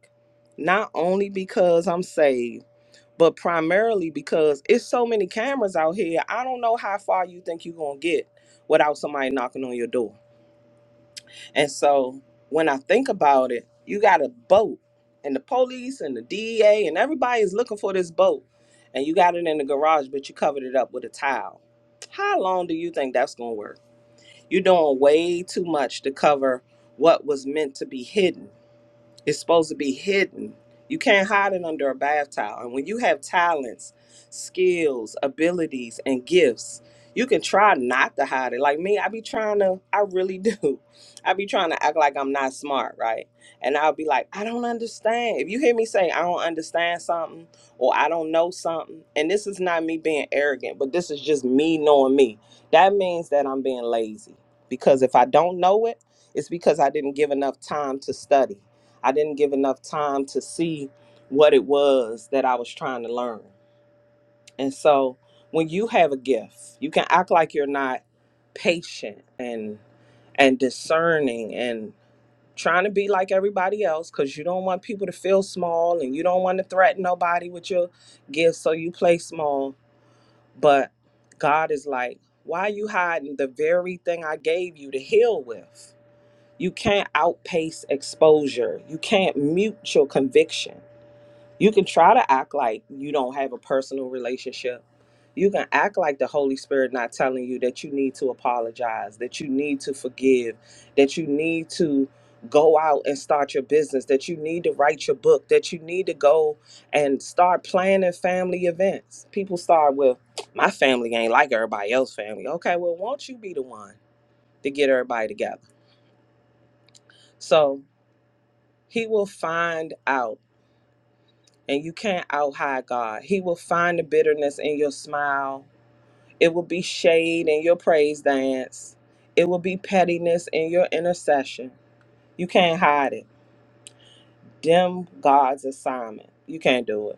Speaker 2: not only because I'm saved, but primarily because it's so many cameras out here. I don't know how far you think you're gonna get without somebody knocking on your door. And so when I think about it, you got a boat, and the police and the DEA and everybody is looking for this boat, and you got it in the garage, but you covered it up with a towel. How long do you think that's going to work? You're doing way too much to cover what was meant to be hidden it's supposed to be hidden. You can't hide it under a bath towel. And when you have talents, skills, abilities, and gifts, you can try not to hide it. Like me, I be trying to, I really do. I be trying to act like I'm not smart, right? And I'll be like, I don't understand. If you hear me say, I don't understand something or I don't know something, and this is not me being arrogant, but this is just me knowing me, that means that I'm being lazy. Because if I don't know it, it's because I didn't give enough time to study. I didn't give enough time to see what it was that I was trying to learn. And so when you have a gift, you can act like you're not patient and and discerning and trying to be like everybody else cuz you don't want people to feel small and you don't want to threaten nobody with your gift so you play small, but God is like, "Why are you hiding the very thing I gave you to heal with?" You can't outpace exposure. You can't mute your conviction you can try to act like you don't have a personal relationship. You can act like the Holy Spirit not telling you that you need to apologize, that you need to forgive, that you need to go out and start your business, that you need to write your book, that you need to go and start planning family events. People start with my family ain't like everybody else's family. Okay, well, won't you be the one to get everybody together? So he will find out and you can't out hide God. He will find the bitterness in your smile. It will be shade in your praise dance. It will be pettiness in your intercession. You can't hide it. Dim God's assignment. You can't do it.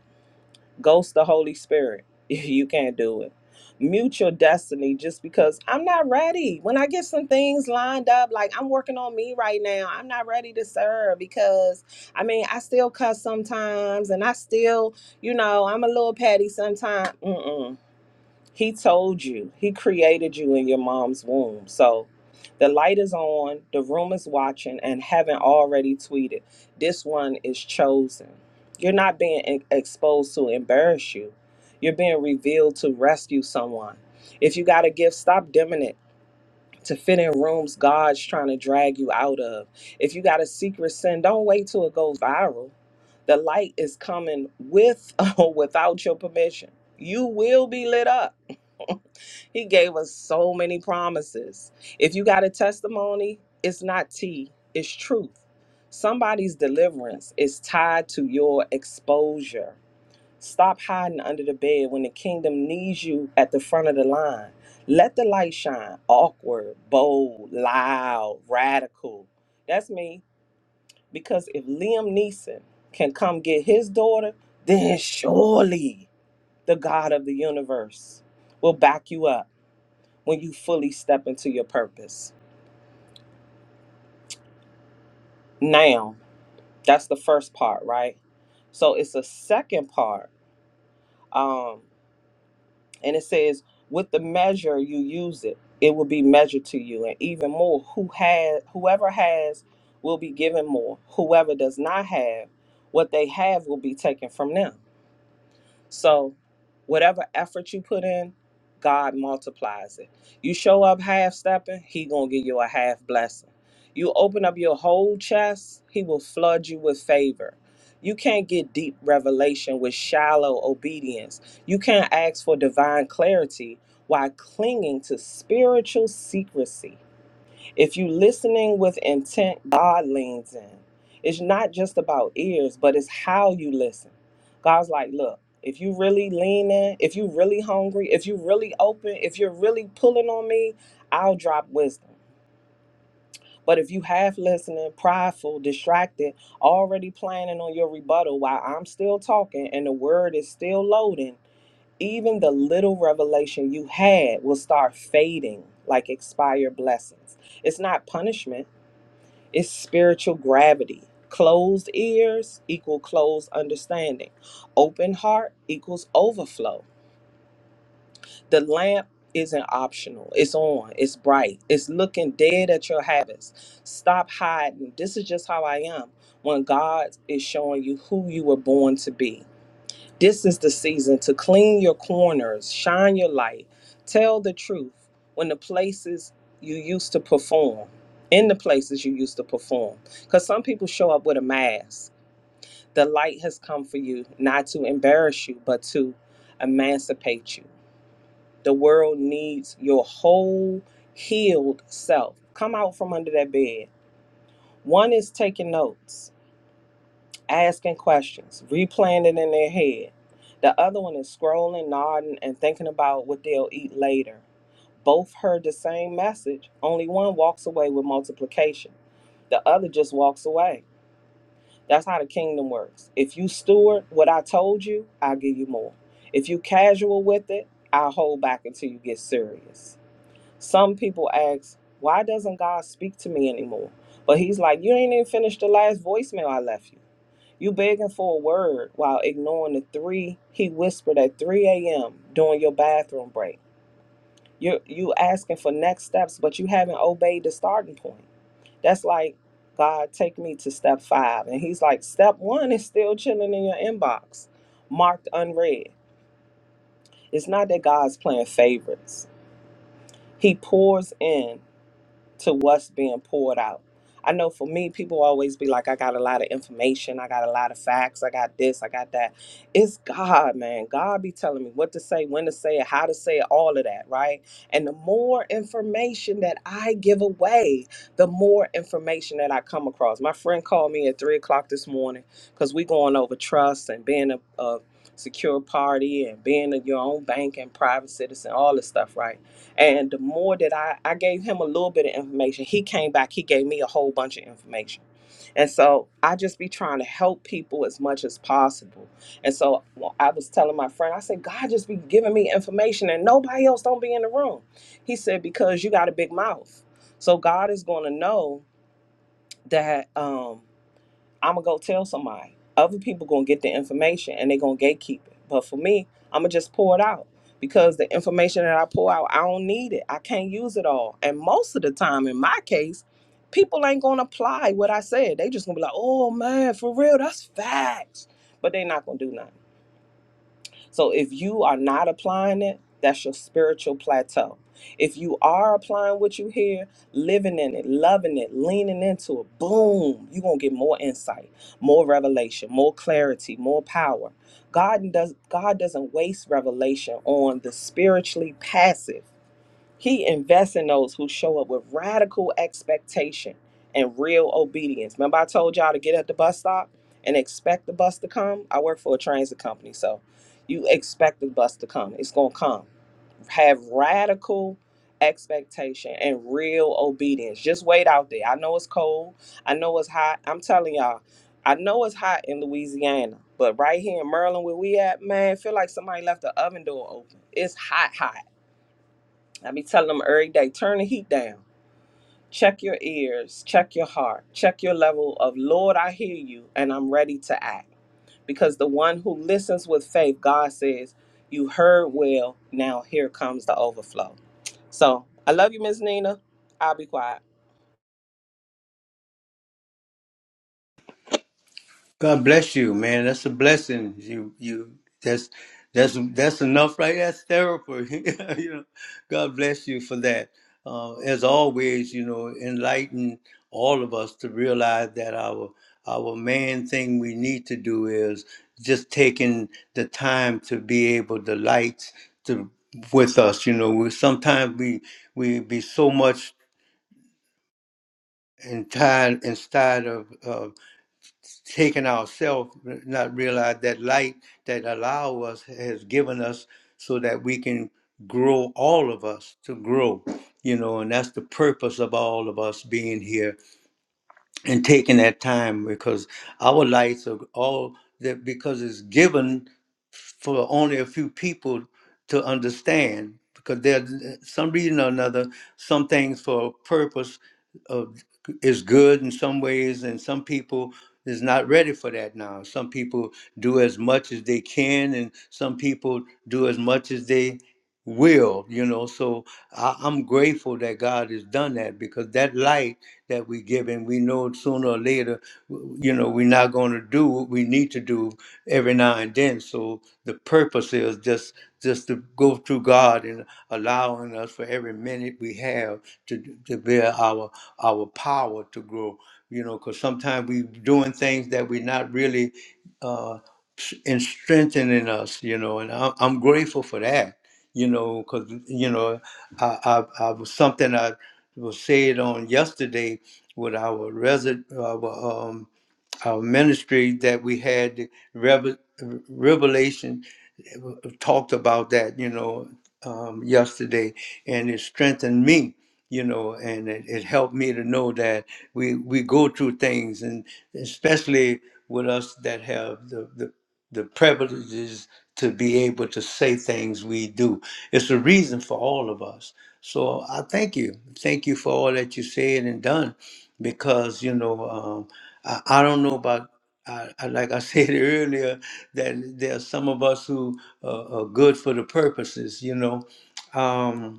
Speaker 2: Ghost the Holy Spirit. You can't do it. Mute your destiny just because I'm not ready. When I get some things lined up, like I'm working on me right now, I'm not ready to serve because I mean, I still cuss sometimes and I still, you know, I'm a little petty sometimes. He told you, He created you in your mom's womb. So the light is on, the room is watching, and haven't already tweeted. This one is chosen. You're not being e- exposed to embarrass you, you're being revealed to rescue someone. If you got a gift, stop dimming it. To fit in rooms God's trying to drag you out of. If you got a secret sin, don't wait till it goes viral. The light is coming with or without your permission. You will be lit up. He gave us so many promises. If you got a testimony, it's not tea, it's truth. Somebody's deliverance is tied to your exposure. Stop hiding under the bed when the kingdom needs you at the front of the line. Let the light shine. Awkward, bold, loud, radical. That's me. Because if Liam Neeson can come get his daughter, then surely the God of the universe will back you up when you fully step into your purpose. Now, that's the first part, right? So it's a second part. Um, and it says, with the measure you use it, it will be measured to you. And even more, who has whoever has will be given more. Whoever does not have, what they have will be taken from them. So, whatever effort you put in, God multiplies it. You show up half stepping, He gonna give you a half blessing. You open up your whole chest, He will flood you with favor. You can't get deep revelation with shallow obedience. You can't ask for divine clarity while clinging to spiritual secrecy. If you listening with intent, God leans in. It's not just about ears, but it's how you listen. God's like, look, if you really lean in, if you really hungry, if you really open, if you're really pulling on me, I'll drop wisdom. But if you half listening, prideful, distracted, already planning on your rebuttal while I'm still talking and the word is still loading, even the little revelation you had will start fading like expired blessings. It's not punishment it's spiritual gravity. Closed ears equal closed understanding. Open heart equals overflow. The lamp isn't optional. It's on. It's bright. It's looking dead at your habits. Stop hiding. This is just how I am. When God is showing you who you were born to be. This is the season to clean your corners, shine your light, tell the truth when the places you used to perform, in the places you used to perform. Because some people show up with a mask. The light has come for you, not to embarrass you, but to emancipate you. The world needs your whole healed self. Come out from under that bed. One is taking notes asking questions, replaying it in their head. The other one is scrolling, nodding, and thinking about what they'll eat later. Both heard the same message, only one walks away with multiplication. The other just walks away. That's how the kingdom works. If you steward what I told you, I'll give you more. If you casual with it, I'll hold back until you get serious. Some people ask, why doesn't God speak to me anymore? But he's like, you ain't even finished the last voicemail I left you. You begging for a word while ignoring the three he whispered at 3 a.m. during your bathroom break. You you asking for next steps, but you haven't obeyed the starting point. That's like God take me to step five, and He's like, step one is still chilling in your inbox, marked unread. It's not that God's playing favorites. He pours in to what's being poured out. I know for me, people always be like, I got a lot of information, I got a lot of facts, I got this, I got that. It's God, man. God be telling me what to say, when to say it, how to say it, all of that, right? And the more information that I give away, the more information that I come across. My friend called me at three o'clock this morning because we going over trust and being a, a secure party and being your own bank and private citizen, all this stuff, right? And the more that I, I gave him a little bit of information, he came back, he gave me a whole bunch of information. And so I just be trying to help people as much as possible. And so well, I was telling my friend, I said, God just be giving me information and nobody else don't be in the room. He said, because you got a big mouth. So God is going to know that, um, I'm gonna go tell somebody. Other people gonna get the information and they gonna gatekeep it. But for me, I'm gonna just pour it out because the information that I pour out, I don't need it. I can't use it all. And most of the time, in my case, people ain't gonna apply what I said. They just gonna be like, "Oh man, for real, that's facts," but they not gonna do nothing. So if you are not applying it, that's your spiritual plateau. If you are applying what you hear, living in it, loving it, leaning into it, boom, you're going to get more insight, more revelation, more clarity, more power. God does God doesn't waste revelation on the spiritually passive. He invests in those who show up with radical expectation and real obedience. Remember, I told y'all to get at the bus stop and expect the bus to come? I work for a transit company, so you expect the bus to come. It's going to come. Have radical expectation and real obedience. Just wait out there. I know it's cold. I know it's hot. I'm telling y'all, I know it's hot in Louisiana, but right here in Maryland, where we at, man, feel like somebody left the oven door open. It's hot, hot. I be telling them every day, turn the heat down. Check your ears, check your heart, check your level of Lord, I hear you and I'm ready to act. Because the one who listens with faith, God says, You heard well, now here comes the overflow. So I love you, Miss Nina. I'll be quiet.
Speaker 1: God bless you, man. That's a blessing. You you that's that's that's enough right that's therapy. you know, God bless you for that. Uh, as always, you know, enlighten all of us to realize that our our main thing we need to do is just taking the time to be able to light to with us. You know, we sometimes we we be so much and tired and tired of taken ourselves, not realize that light that allow us has given us so that we can grow all of us to grow you know and that's the purpose of all of us being here and taking that time because our lights are all that because it's given for only a few people to understand because there's some reason or another some things for a purpose of, is good in some ways and some people is not ready for that now some people do as much as they can and some people do as much as they will, you know. So I, I'm grateful that God has done that because that light that we give, and we know sooner or later, w- you know, we're not going to do what we need to do every now and then. So the purpose is just just to go through God and allowing us for every minute we have to to bear our our power to grow. You know, because sometimes we're doing things that we're not really uh, s- in strengthening us. You know, and I, I'm grateful for that you know, because you know, I, I, I was something I was said on yesterday with our resident, our, um, our ministry that we had the revel- revelation uh, talked about that, you know, um, yesterday, and it strengthened me you know, and it, it helped me to know that we we go through things, and especially with us that have the the, the privileges to be able to say things we do. It's a reason for all of us. So I thank you, thank you for all that you said and done, because you know um, I, I don't know about. I, I, like I said earlier, that there are some of us who uh, are good for the purposes, you know. Um,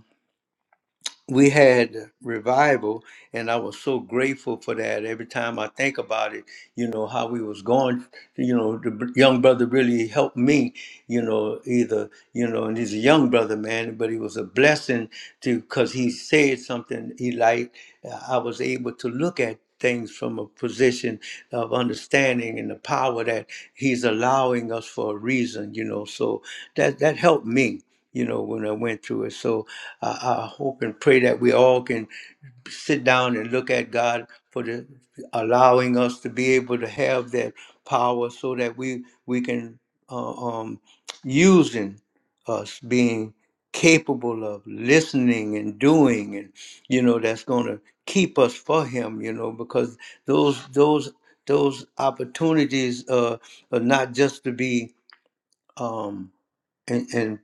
Speaker 1: we had revival and i was so grateful for that every time i think about it you know how we was going you know the br- young brother really helped me you know either you know and he's a young brother man but he was a blessing to because he said something he liked i was able to look at things from a position of understanding and the power that he's allowing us for a reason you know so that that helped me you know, when I went through it. So I, I hope and pray that we all can sit down and look at God for the allowing us to be able to have that power, so that we we can uh, um, using us being capable of listening and doing, and you know, that's going to keep us for Him. You know, because those those those opportunities uh, are not just to be. Um, and, and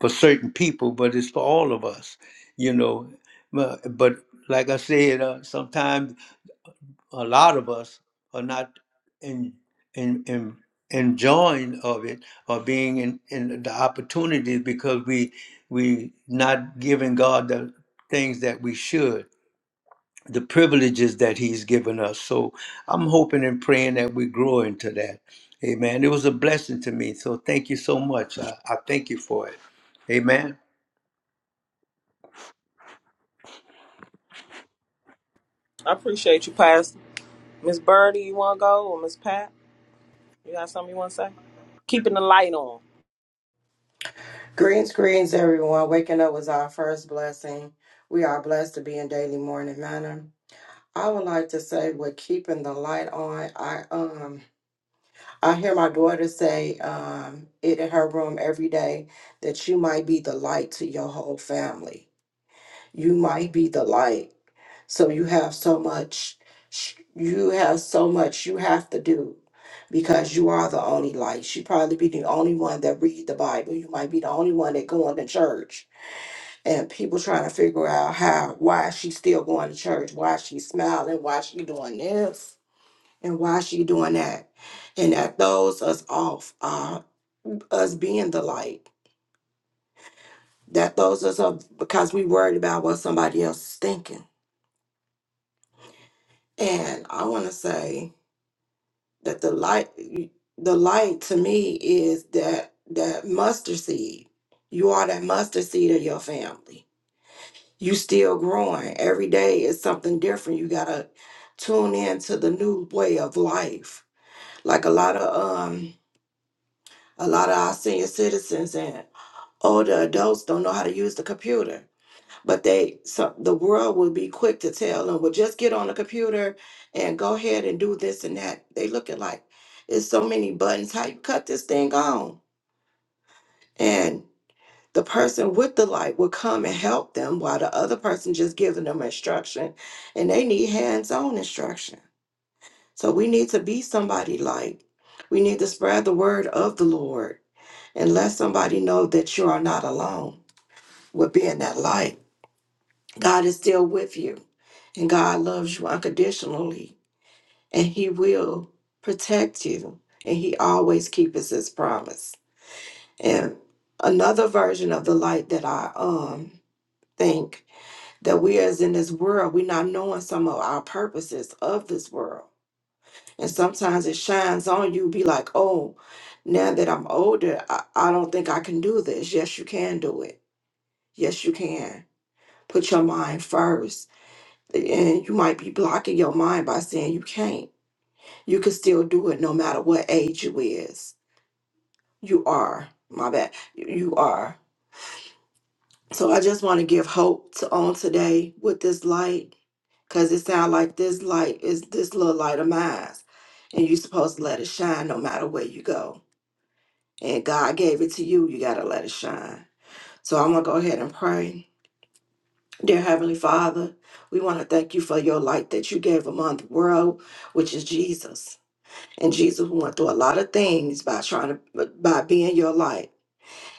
Speaker 1: for certain people, but it's for all of us, you know. But, but like I said, uh, sometimes a lot of us are not in in in enjoying of it or being in, in the opportunity because we we not giving God the things that we should the privileges that he's given us. So I'm hoping and praying that we grow into that. Amen. It was a blessing to me. So thank you so much. I, I thank you for it. Amen.
Speaker 2: I appreciate you, Pastor. Miss Birdie, you wanna go or Miss Pat? You got something you wanna say? keeping the light on.
Speaker 3: Greens, greens, everyone. Waking up was our first blessing. We are blessed to be in daily morning manner. I would like to say with keeping the light on, I um I hear my daughter say um it in her room every day that you might be the light to your whole family. You might be the light. So you have so much sh- you have so much you have to do because you are the only light. You probably be the only one that read the Bible. You might be the only one that going to church and people trying to figure out how why she's still going to church, why she's smiling, why she doing this, and why she doing that, and that throws us off uh, us being the light. That throws us off because we worried about what somebody else is thinking. And I want to say that the light, the light to me is that that mustard seed. You are that mustard seed of your family you still growing every day is something different you gotta tune in to the new way of life like a lot of um a lot of our senior citizens and older adults don't know how to use the computer but they so the world will be quick to tell them well just get on the computer and go ahead and do this and that they look at like it's so many buttons how you cut this thing on and. the person with the light will come and help them while the other person just giving them instruction and they need hands-on instruction so we need to be somebody like we need to spread the word of the lord and let somebody know that you are not alone with being that light god is still with you and god loves you unconditionally and he will protect you and he always keeps his promise and another version of the light that i um think that we as in this world, we're not knowing some of our purposes of this world. And sometimes it shines on you, be like, oh, now that I'm older, I, I don't think I can do this. Yes, you can do it. Yes, you can. Put your mind first. And you might be blocking your mind by saying you can't. You can still do it no matter what age you is. You are. My bad. You you are. So I just want to give hope to on today with this light, cause it sounds like this light is this little light of mine, and you're supposed to let it shine no matter where you go. And God gave it to you, you gotta let it shine. So I'm gonna go ahead and pray. Dear Heavenly Father, we want to thank you for your light that you gave among the world, which is Jesus. And Jesus went through a lot of things by trying to by being your light.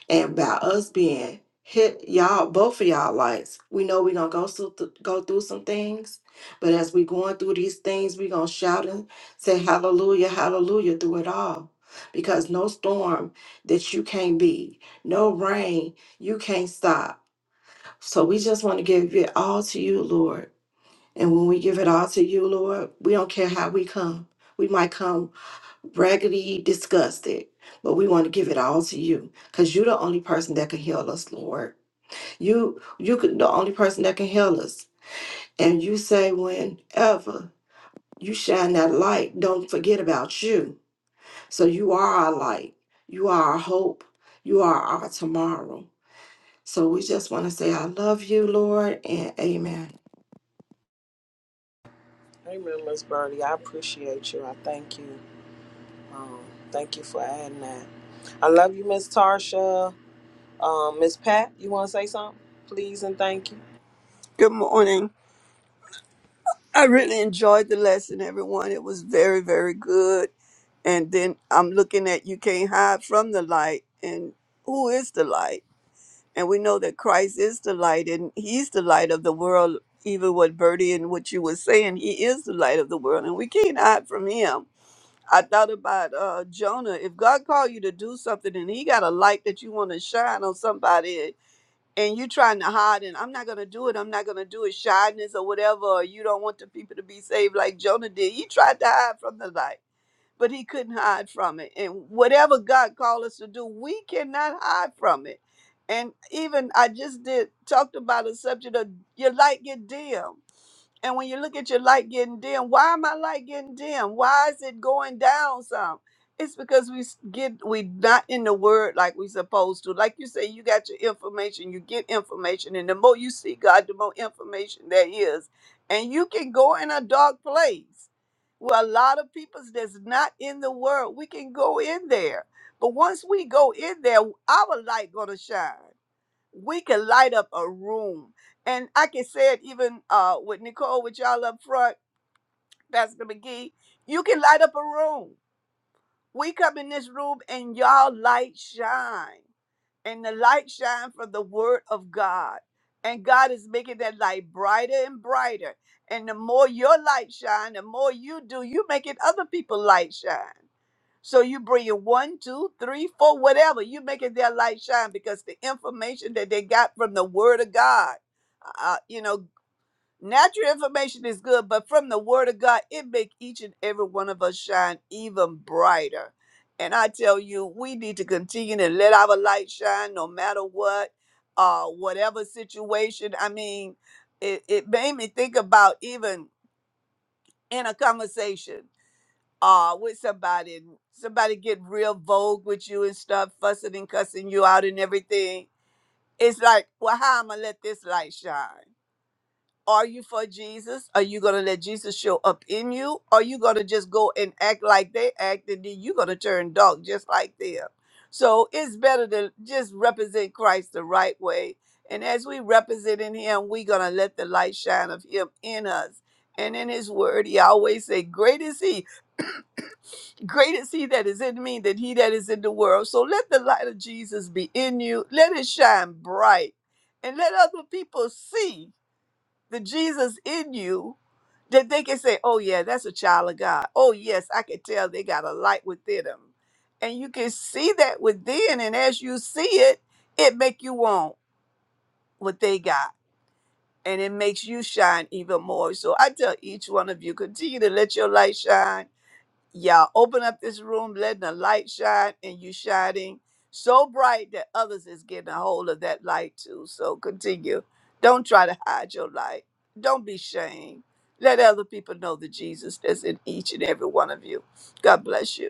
Speaker 3: and about us being hit y'all both of y'all lights we know we're gonna go through go through some things but as we going through these things we gonna shout and say hallelujah hallelujah through it all because no storm that you can't beat no rain you can't stop so we just want to give it all to you lord and when we give it all to you lord we don't care how we come we might come raggedy, disgusted, but we want to give it all to you because you're the only person that can heal us, Lord. You, you could the only person that can heal us. And you say, whenever you shine that light, don't forget about you. So you are our light. You are our hope. You are our tomorrow. So we just want to say, I love you, Lord, and amen.
Speaker 2: Amen, Miss Birdie. I appreciate you. I thank you. Um, thank you for adding that. I love you, Miss Tarsha. Um, Miss Pat, you want to say something? Please and thank you.
Speaker 4: Good morning. I really enjoyed the lesson, everyone. It was very, very good. And then I'm looking at you can't hide from the light. And who is the light? And we know that Christ is the light and he's the light of the world. Even what Bertie and what you were saying, he is the light of the world and we can't hide from him. I thought about uh, Jonah. If God called you to do something and he got a light that you want to shine on somebody and you trying to hide and I'm not gonna do it, I'm not gonna do it, shyness or whatever, or you don't want the people to be saved like Jonah did. He tried to hide from the light but he couldn't hide from it. And whatever God called us to do, we cannot hide from it. And even I just did talked about a subject of your light get dim. And when you look at your light getting dim, why am I light getting dim? Why is it going down some? It's because we s- get we not in the word like we supposed to. Like you say, you got your information, you get information, and the more you see God, the more information there is. And you can go in a dark place. Well, a lot of peoples that's not in the world, we can go in there. But once we go in there, our light gonna shine. We can light up a room. And I can say it even uh with Nicole, with y'all up front, Pastor McGee, you can light up a room. We come in this room and y'all light shine. And the light shine from the word of God. And God is making that light brighter and brighter. And the more your light shine, the more you do, you making other people light shine. So you bring in one, two, three, four, whatever. You making their light shine because the information that they got from the word of God. Uh, you know, Natural information is good, but from the word of God, it make each and every one of us shine even brighter. And I tell you, we need to continue to let our light shine no matter what, uh, whatever situation. I mean, it, it made me think about even in a conversation uh, with somebody, and somebody get real vogue with you and stuff, fussing and cussing you out and everything. It's like, well, how am I let this light shine? Are you for Jesus? Are you going to let Jesus show up in you? Are you going to just go and act like they act and then you're going to turn dark just like them? So it's better to just represent Christ the right way. And as we represent in him, we're going to let the light shine of him in us. And in his word, he always say, great is he great is he that is in me than he that is in the world. So let the light of Jesus be in you. Let it shine bright and let other people see the Jesus in you that they can say, oh, yeah, that's a child of God. Oh, yes, I can tell they got a light within them. And you can see that within. And as you see it, it make you want what they got. And it makes you shine even more. So I tell each one of you, continue to let your light shine yeah, open up this room, letting the light shine, and you shining so bright that others is getting a hold of that light too. So continue. Don't try to hide your light. Don't be shamed. Let other people know the Jesus that's in each and every one of you. God bless you.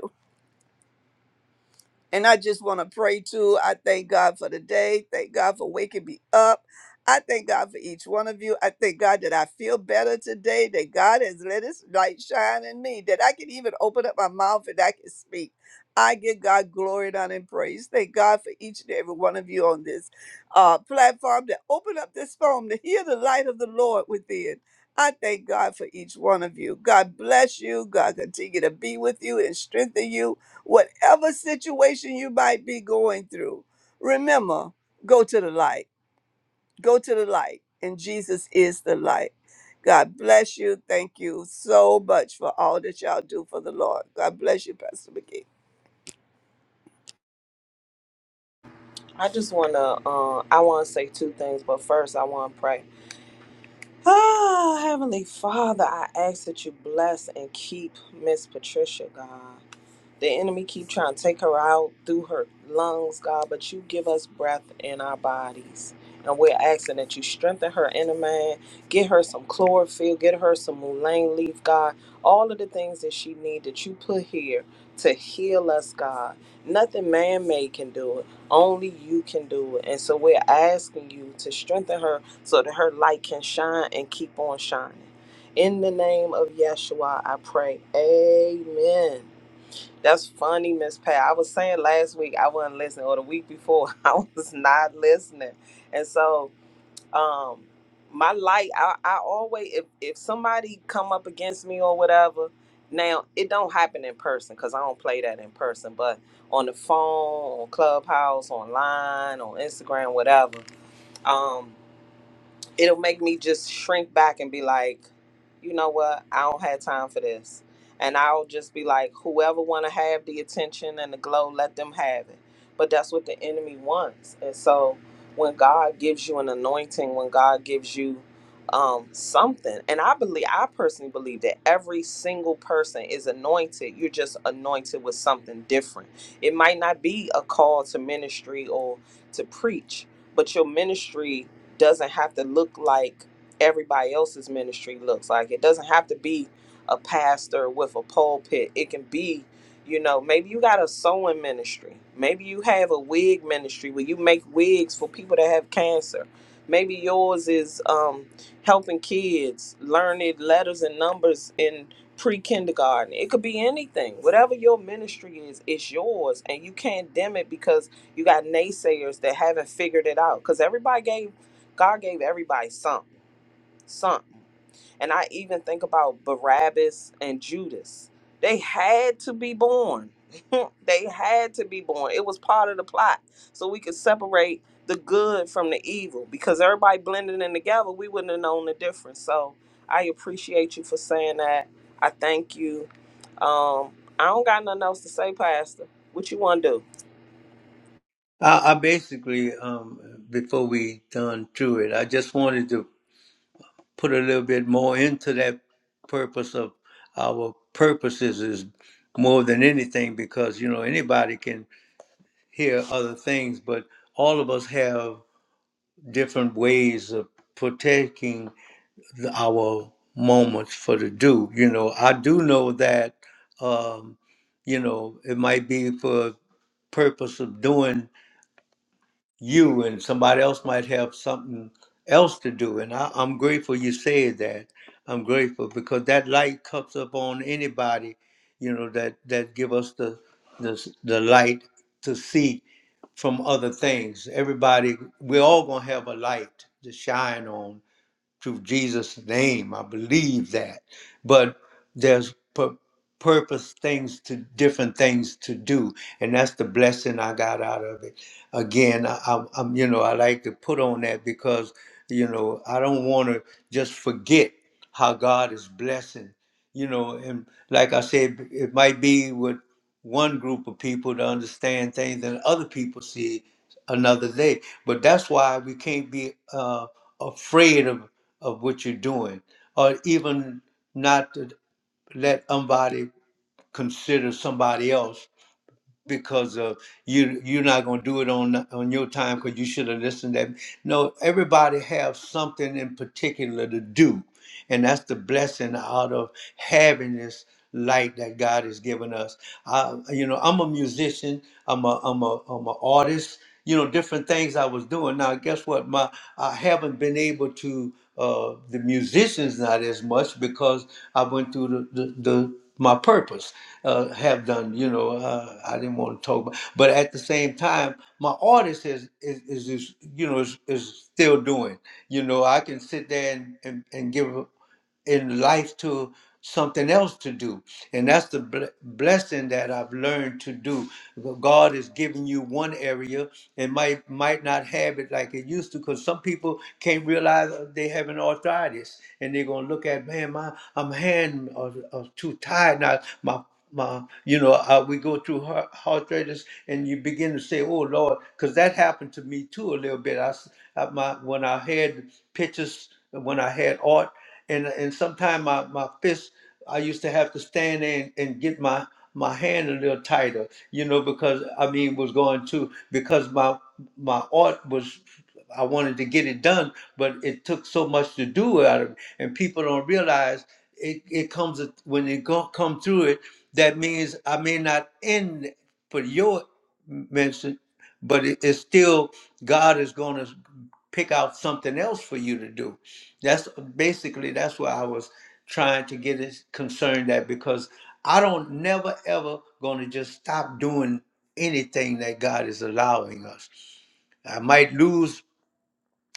Speaker 4: And I just want to pray too. I thank God for the day. Thank God for waking me up. I thank God for each one of you. I thank God that I feel better today, that God has let his light shine in me, that I can even open up my mouth and I can speak. I give God glory and honor and praise. Thank God for each and every one of you on this uh, platform that open up this phone to hear the light of the Lord within. I thank God for each one of you. God bless you. God continue to be with you and strengthen you whatever situation you might be going through, remember, go to the light. Go to the light. And Jesus is the light. God bless you. Thank you so much for all that y'all do for the Lord. God bless you, Pastor McGee.
Speaker 2: I just want to, uh, I want to say two things, but first I want to pray. Ah, Heavenly Father, I ask that you bless and keep Miss Patricia, God. The enemy keep trying to take her out through her lungs, God, but you give us breath in our bodies. And we're asking that you strengthen her inner man, get her some chlorophyll, get her some mullein leaf, God, all of the things that she need that you put here to heal us, God. Nothing man-made can do it. Only you can do it. And so we're asking you to strengthen her so that her light can shine and keep on shining. In the name of Yeshua, I pray. Amen. That's funny, Miss Pat. I was saying last week I wasn't listening, or the week before I was not listening, and so um, my light. I, I always if if somebody come up against me or whatever. Now it don't happen in person because I don't play that in person, but on the phone, on Clubhouse, online, on Instagram, whatever. Um, it'll make me just shrink back and be like, you know what, I don't have time for this. And I'll just be like, whoever wanna have the attention and the glow, let them have it. But that's what the enemy wants. And so when God gives you an anointing, when God gives you um something, and I believe I personally believe that every single person is anointed. You're just anointed with something different. It might not be a call to ministry or to preach, but your ministry doesn't have to look like everybody else's ministry looks like. It doesn't have to be a pastor with a pulpit. It can be, you know, maybe you got a sewing ministry. Maybe you have a wig ministry where you make wigs for people that have cancer. Maybe yours is um, helping kids learn it letters and numbers in pre kindergarten. It could be anything. Whatever your ministry is, it's yours. And you can't dim it because you got naysayers that haven't figured it out. Because everybody gave God gave everybody something, something. And I even think about Barabbas and Judas. They had to be born. they had to be born. It was part of the plot. So we could separate the good from the evil because everybody blending in together, we wouldn't have known the difference. So I appreciate you for saying that. I thank you. Um, I don't got nothing else to say, Pastor. What you want to do?
Speaker 1: I, I basically, um, before we done through it, I just wanted to put a little bit more into that purpose of our purposes is more than anything because you know anybody can hear other things, but all of us have different ways of partaking our moments for the do. You know, I do know that, um, you know, it might be for purpose of doing you, and somebody else might have something else to do. And I, I'm grateful you said that. I'm grateful because that light comes up on anybody, you know, that that give us the the, the light to see from other things. Everybody, we're all gonna have a light to shine on through Jesus' name. I believe that. But there's pur- purpose things to different things to do, and that's the blessing I got out of it. Again, I, I, I'm you know I like to put on that because you know I don't want to just forget how God is blessing. You know, and like I said, it might be with one group of people to understand things and other people see another day. But that's why we can't be uh, afraid of, of what you're doing, or even not to let somebody consider somebody else because of you. You're not going to do it on on your time because you should have listened. to That no, everybody have something in particular to do, and that's the blessing out of having this light that God has given us. I, you know, I'm a musician. I'm a, I'm a, I'm an artist. You know, different things I was doing. Now, guess what? My, I haven't been able to uh, the musicians not as much because I went through the, the, the my purpose uh, have done. You know, uh, I didn't want to talk about, but at the same time, my artist is is, is, is you know is, is still doing. You know, I can sit there and, and, and give in life to something else to do. And that's the bl- blessing that I've learned to do. God is giving you one area and might might not have it like it used to because some people can't realize uh, they have an arthritis and they're going to look at, man, my I'm hand are, are too tired now. My my, you know, uh, we go through heart, arthritis, and you begin to say, "Oh Lord," because that happened to me too a little bit. I, s- uh, my when I had pictures, when I had art and and sometimes my my fist I used to have to stand there and, and get my my hand a little tighter, you know, because I mean was going to because my my art was I wanted to get it done, but it took so much to do out of it, and people don't realize it. It comes a- when it go, come through it. That means I may not end for your mention, but it, it's still God is going to pick out something else for you to do that's basically that's what I was trying to get it concerned at because I don't never ever gonna just stop doing anything that God is allowing us. I might lose,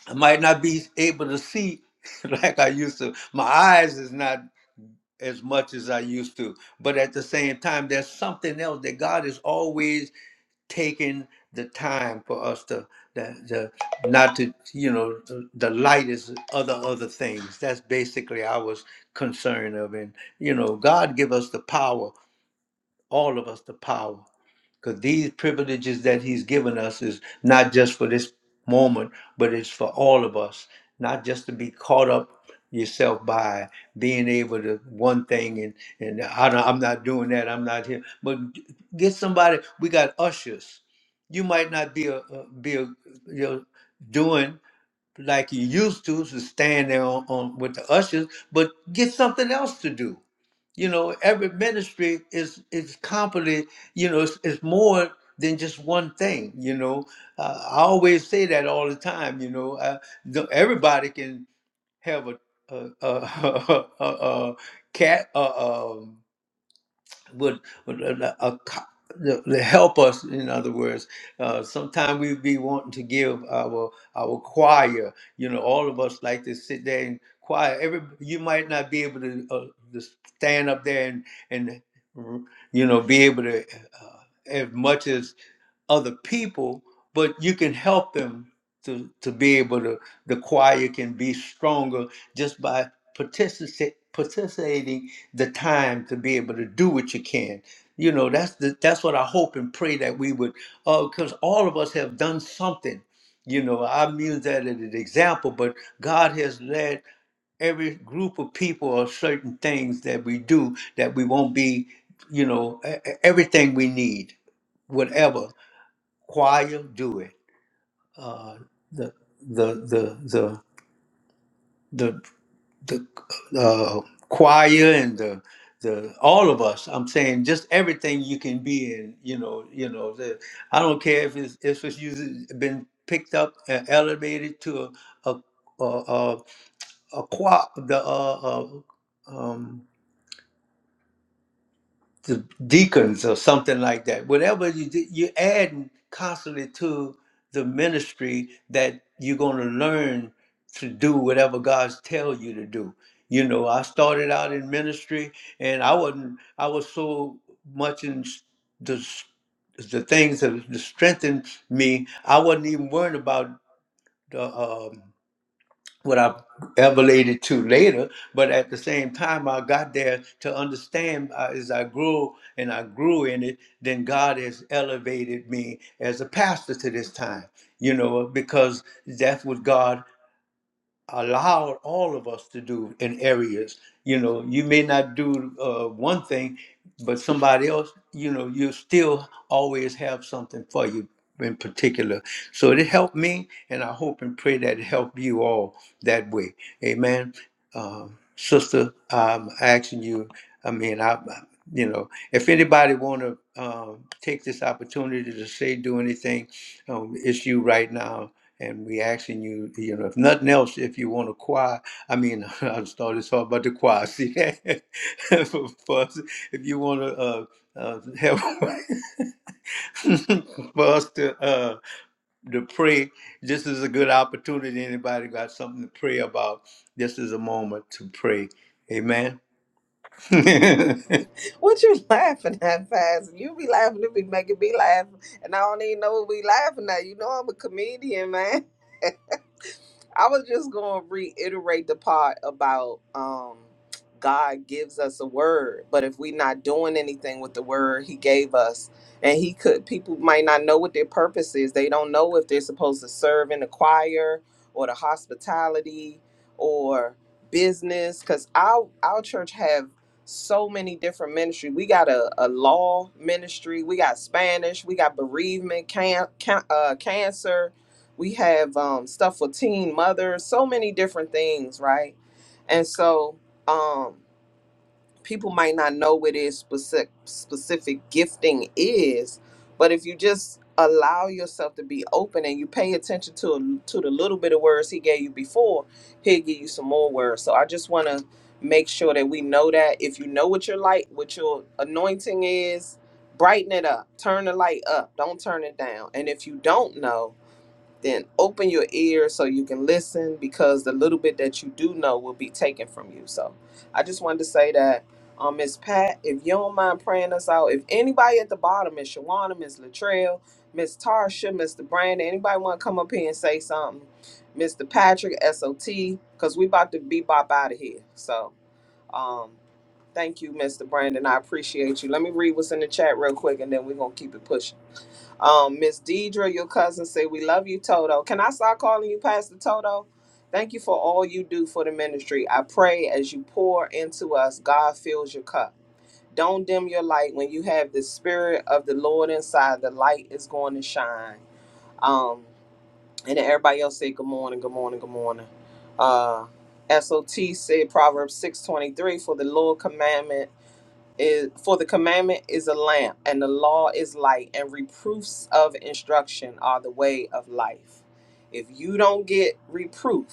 Speaker 1: I might not be able to see like I used to. My eyes is not as much as I used to. But at the same time, there's something else that God is always taking the time for us to the, the not to you know the, the lightest other other things that's basically i was concerned of and you know god give us the power all of us the power because these privileges that he's given us is not just for this moment but it's for all of us not just to be caught up yourself by being able to one thing and and I don't, i'm not doing that i'm not here but get somebody we got ushers you might not be a, a be a you know doing like you used to to stand there on, on with the ushers but get something else to do you know, every ministry is is company. You know, it's, it's more than just one thing. You know, uh, I always say that all the time. You know, uh, the, everybody can have a a a, a, a, a cat. Uh, um, would, would uh, uh, co- the, the help us in other words uh, sometimes we be wanting to give our our choir you know all of us like to sit there and choir every you might not be able to, uh, to stand up there and and you know be able to uh, as much as other people but you can help them to to be able to the choir can be stronger just by participate, participating the time to be able to do what you can. You know, that's the, that's what I hope and pray that we would, because all of us have done something. You know, I'm using that as an example, but God has led every group of people or certain things that we do that we won't be, you know, e- e- everything we need, whatever. Choir, do it. Uh, the the the the the the uh, choir and the the all of us. I'm saying just everything you can be in. You know, you know. The, I don't care if it's if it's using, been picked up and elevated to a a a, a, a choir, the uh, uh, um, the deacons or something like that. Whatever you do, you add constantly to the ministry that you're going to learn to do whatever God's tell you to do. You know, I started out in ministry, and I wasn't. I was so much in s- the s- the things that strengthened me. I wasn't even worried about what I elevated to later. But at the same time, I got there to understand uh, as I grew and I grew in it, then God has elevated me as a pastor to this time, you know, because that's what God allowed all of us to do in areas. You know, you may not do uh, one thing, but somebody else, you know, you still always have something for you in particular. So it helped me, and I hope and pray that it helped you all that way. Amen. Um, sister, I'm asking you, I mean, I, I- you know, if anybody want to um, take this opportunity to say, do anything, um, it's you right now and we asking you, you know, if nothing else, if you want to choir, I mean, I started talking about the choir. See, for, for us, if you want to uh, uh, help for us to uh, to pray, this is a good opportunity. Anybody got something to pray about? This is a moment to pray. Amen.
Speaker 2: What you laughing at, Faz? You be laughing, you be making me laugh, and I don't even know what we laughing at. You know I'm a comedian, man. I was just going to reiterate the part about um, God gives us a word, but if we're not doing anything with the word He gave us, and He could, people might not know what their purpose is. They don't know if they're supposed to serve in the choir or the hospitality or business, because our our church have so many different ministry. We got a, a law ministry, we got Spanish, we got bereavement, can, can, uh, cancer we have um, stuff for teen mothers so many different things right and so um, people might not know what is specific specific gifting is but if you just allow yourself to be open and you pay attention to to the little bit of words he gave you before he'll give you some more words so i just want to make sure that we know that if you know what your light what your anointing is brighten it up turn the light up don't turn it down and if you don't know then open your ears so you can listen because the little bit that you do know will be taken from you. So I just wanted to say that, um, Miss Pat, if you don't mind praying us out, if anybody at the bottom, Miss Shawana, Miss Latrell, Miss Tarsha, Mr. Brandon, anybody want to come up here and say something, Mr. Patrick, SOT, because we about to be bop out of here. So, um, thank you, Mr. Brandon. I appreciate you. Let me read what's in the chat real quick, and then we're gonna keep it pushing. Um, Miss Deidre, your cousin, say we love you, Toto. Can I start calling you Pastor Toto? Thank you for all you do for the ministry. I pray as you pour into us, God fills your cup. Don't dim your light. When you have the spirit of the Lord inside, the light is going to shine. Um, and then everybody else say good morning, good morning, good morning. Uh, SOT said Proverbs 6:23 for the Lord commandment is for the commandment is a lamp and the law is light and reproofs of instruction are the way of life if you don't get reproof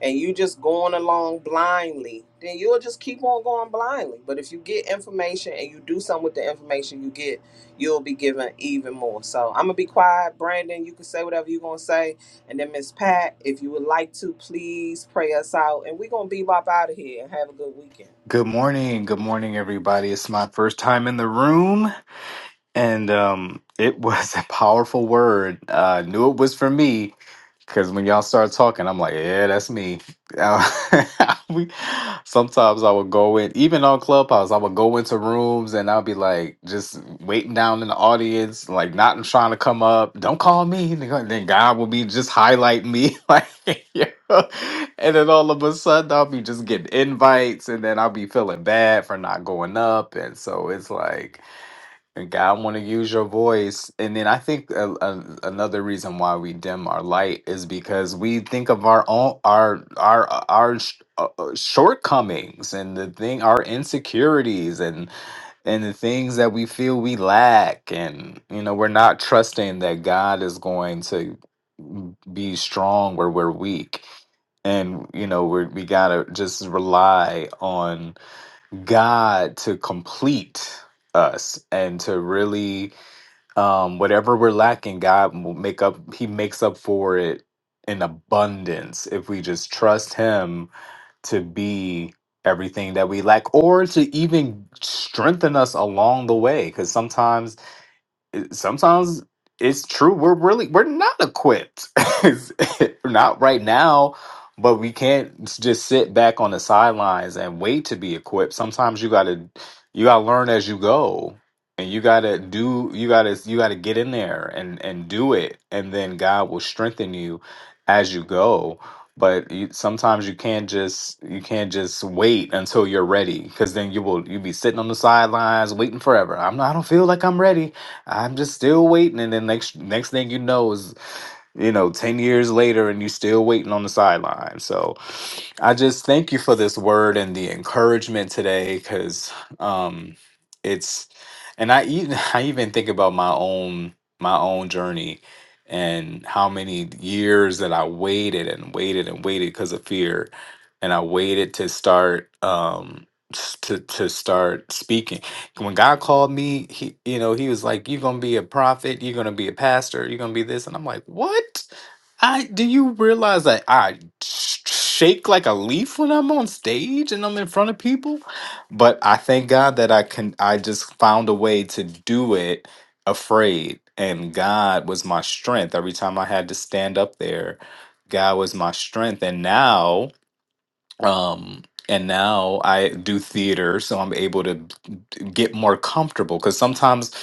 Speaker 2: and you just going along blindly then you'll just keep on going blindly but if you get information and you do something with the information you get you'll be given even more so i'm gonna be quiet brandon you can say whatever you're gonna say and then miss pat if you would like to please pray us out and we're gonna bebop out of here and have a good weekend
Speaker 5: Good morning. Good morning, everybody. It's my first time in the room, and um, it was a powerful word. Uh, I knew it was for me, Cause when y'all start talking, I'm like, yeah, that's me. Uh, we sometimes I would go in, even on Clubhouse, I would go into rooms and I'll be like, just waiting down in the audience, like not trying to come up. Don't call me. And then then God will be just highlighting me, like, you know? and then all of a sudden I'll be just getting invites, and then I'll be feeling bad for not going up, and so it's like and God want to use your voice. And then I think a, a, another reason why we dim our light is because we think of our own our our our sh- uh, uh, shortcomings and the thing our insecurities and and the things that we feel we lack and you know we're not trusting that God is going to be strong where we're weak. And you know we are we got to just rely on God to complete us and to really um whatever we're lacking God will make up he makes up for it in abundance if we just trust him to be everything that we lack or to even strengthen us along the way cuz sometimes it- sometimes it's true we're really we're not equipped not right now but we can't just sit back on the sidelines and wait to be equipped sometimes you gotta you gotta learn as you go and you gotta do you gotta you gotta get in there and and do it and then god will strengthen you as you go but you, sometimes you can't just you can't just wait until you're ready because then you will you be sitting on the sidelines waiting forever i'm not i don't feel like i'm ready I'm just still waiting, and then next next thing you know is you know ten years later, and you're still waiting on the sideline. So I just thank you for this word and the encouragement today because um, it's, and I even, I even think about my own, my own journey and how many years that I waited and waited and waited because of fear. And I waited to start, um, s- to, to start speaking. When God called me, he, you know, he was like, you're going to be a prophet. You're going to be a pastor. You're going to be this. And I'm like, what? I do you realize that? sh- shake like a leaf when I'm on stage and I'm in front of people. But I thank God that I can I just found a way to do it afraid. And God was my strength. Every time I had to stand up there, God was my strength. And now, um, and now I do theater, so I'm able to get more comfortable. Because sometimes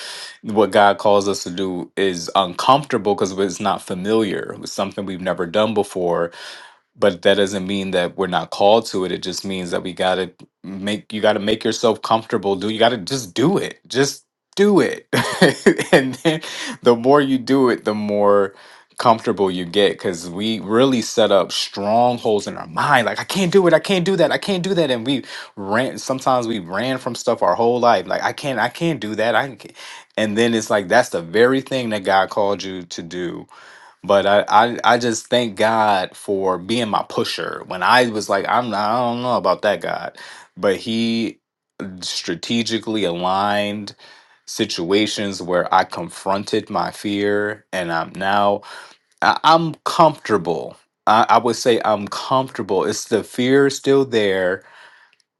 Speaker 5: what God calls us to do is uncomfortable because it's not familiar. It's something we've never done before but that doesn't mean that we're not called to it it just means that we got to make you got to make yourself comfortable do you got to just do it just do it and then the more you do it the more comfortable you get cuz we really set up strongholds in our mind like I can't do it I can't do that I can't do that and we ran sometimes we ran from stuff our whole life like I can't I can't do that I can't. and then it's like that's the very thing that God called you to do but I, I, I just thank God for being my pusher. When I was like, I'm not, I don't know about that God, but He strategically aligned situations where I confronted my fear, and I'm now I, I'm comfortable. I, I would say I'm comfortable. It's the fear is still there,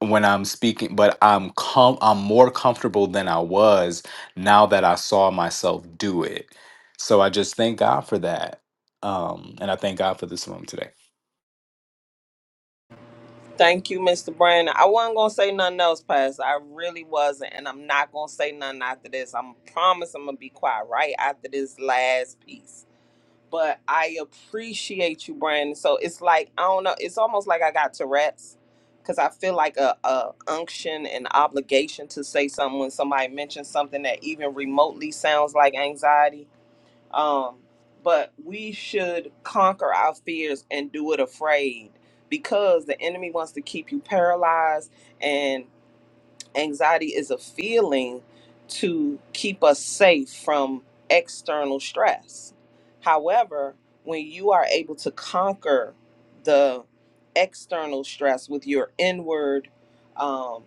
Speaker 5: when I'm speaking, but I'm com- I'm more comfortable than I was now that I saw myself do it. So I just thank God for that. Um, and I thank God for this room today.
Speaker 2: Thank you, Mr. Brandon. I wasn't gonna say nothing else, Pastor. I really wasn't, and I'm not gonna say nothing after this. I'm promise I'm gonna be quiet right after this last piece. But I appreciate you, Brandon. So it's like I don't know. It's almost like I got Tourette's because I feel like a, a unction and obligation to say something when somebody mentions something that even remotely sounds like anxiety. Um, but we should conquer our fears and do it afraid because the enemy wants to keep you paralyzed and anxiety is a feeling to keep us safe from external stress. However, when you are able to conquer the external stress with your inward um,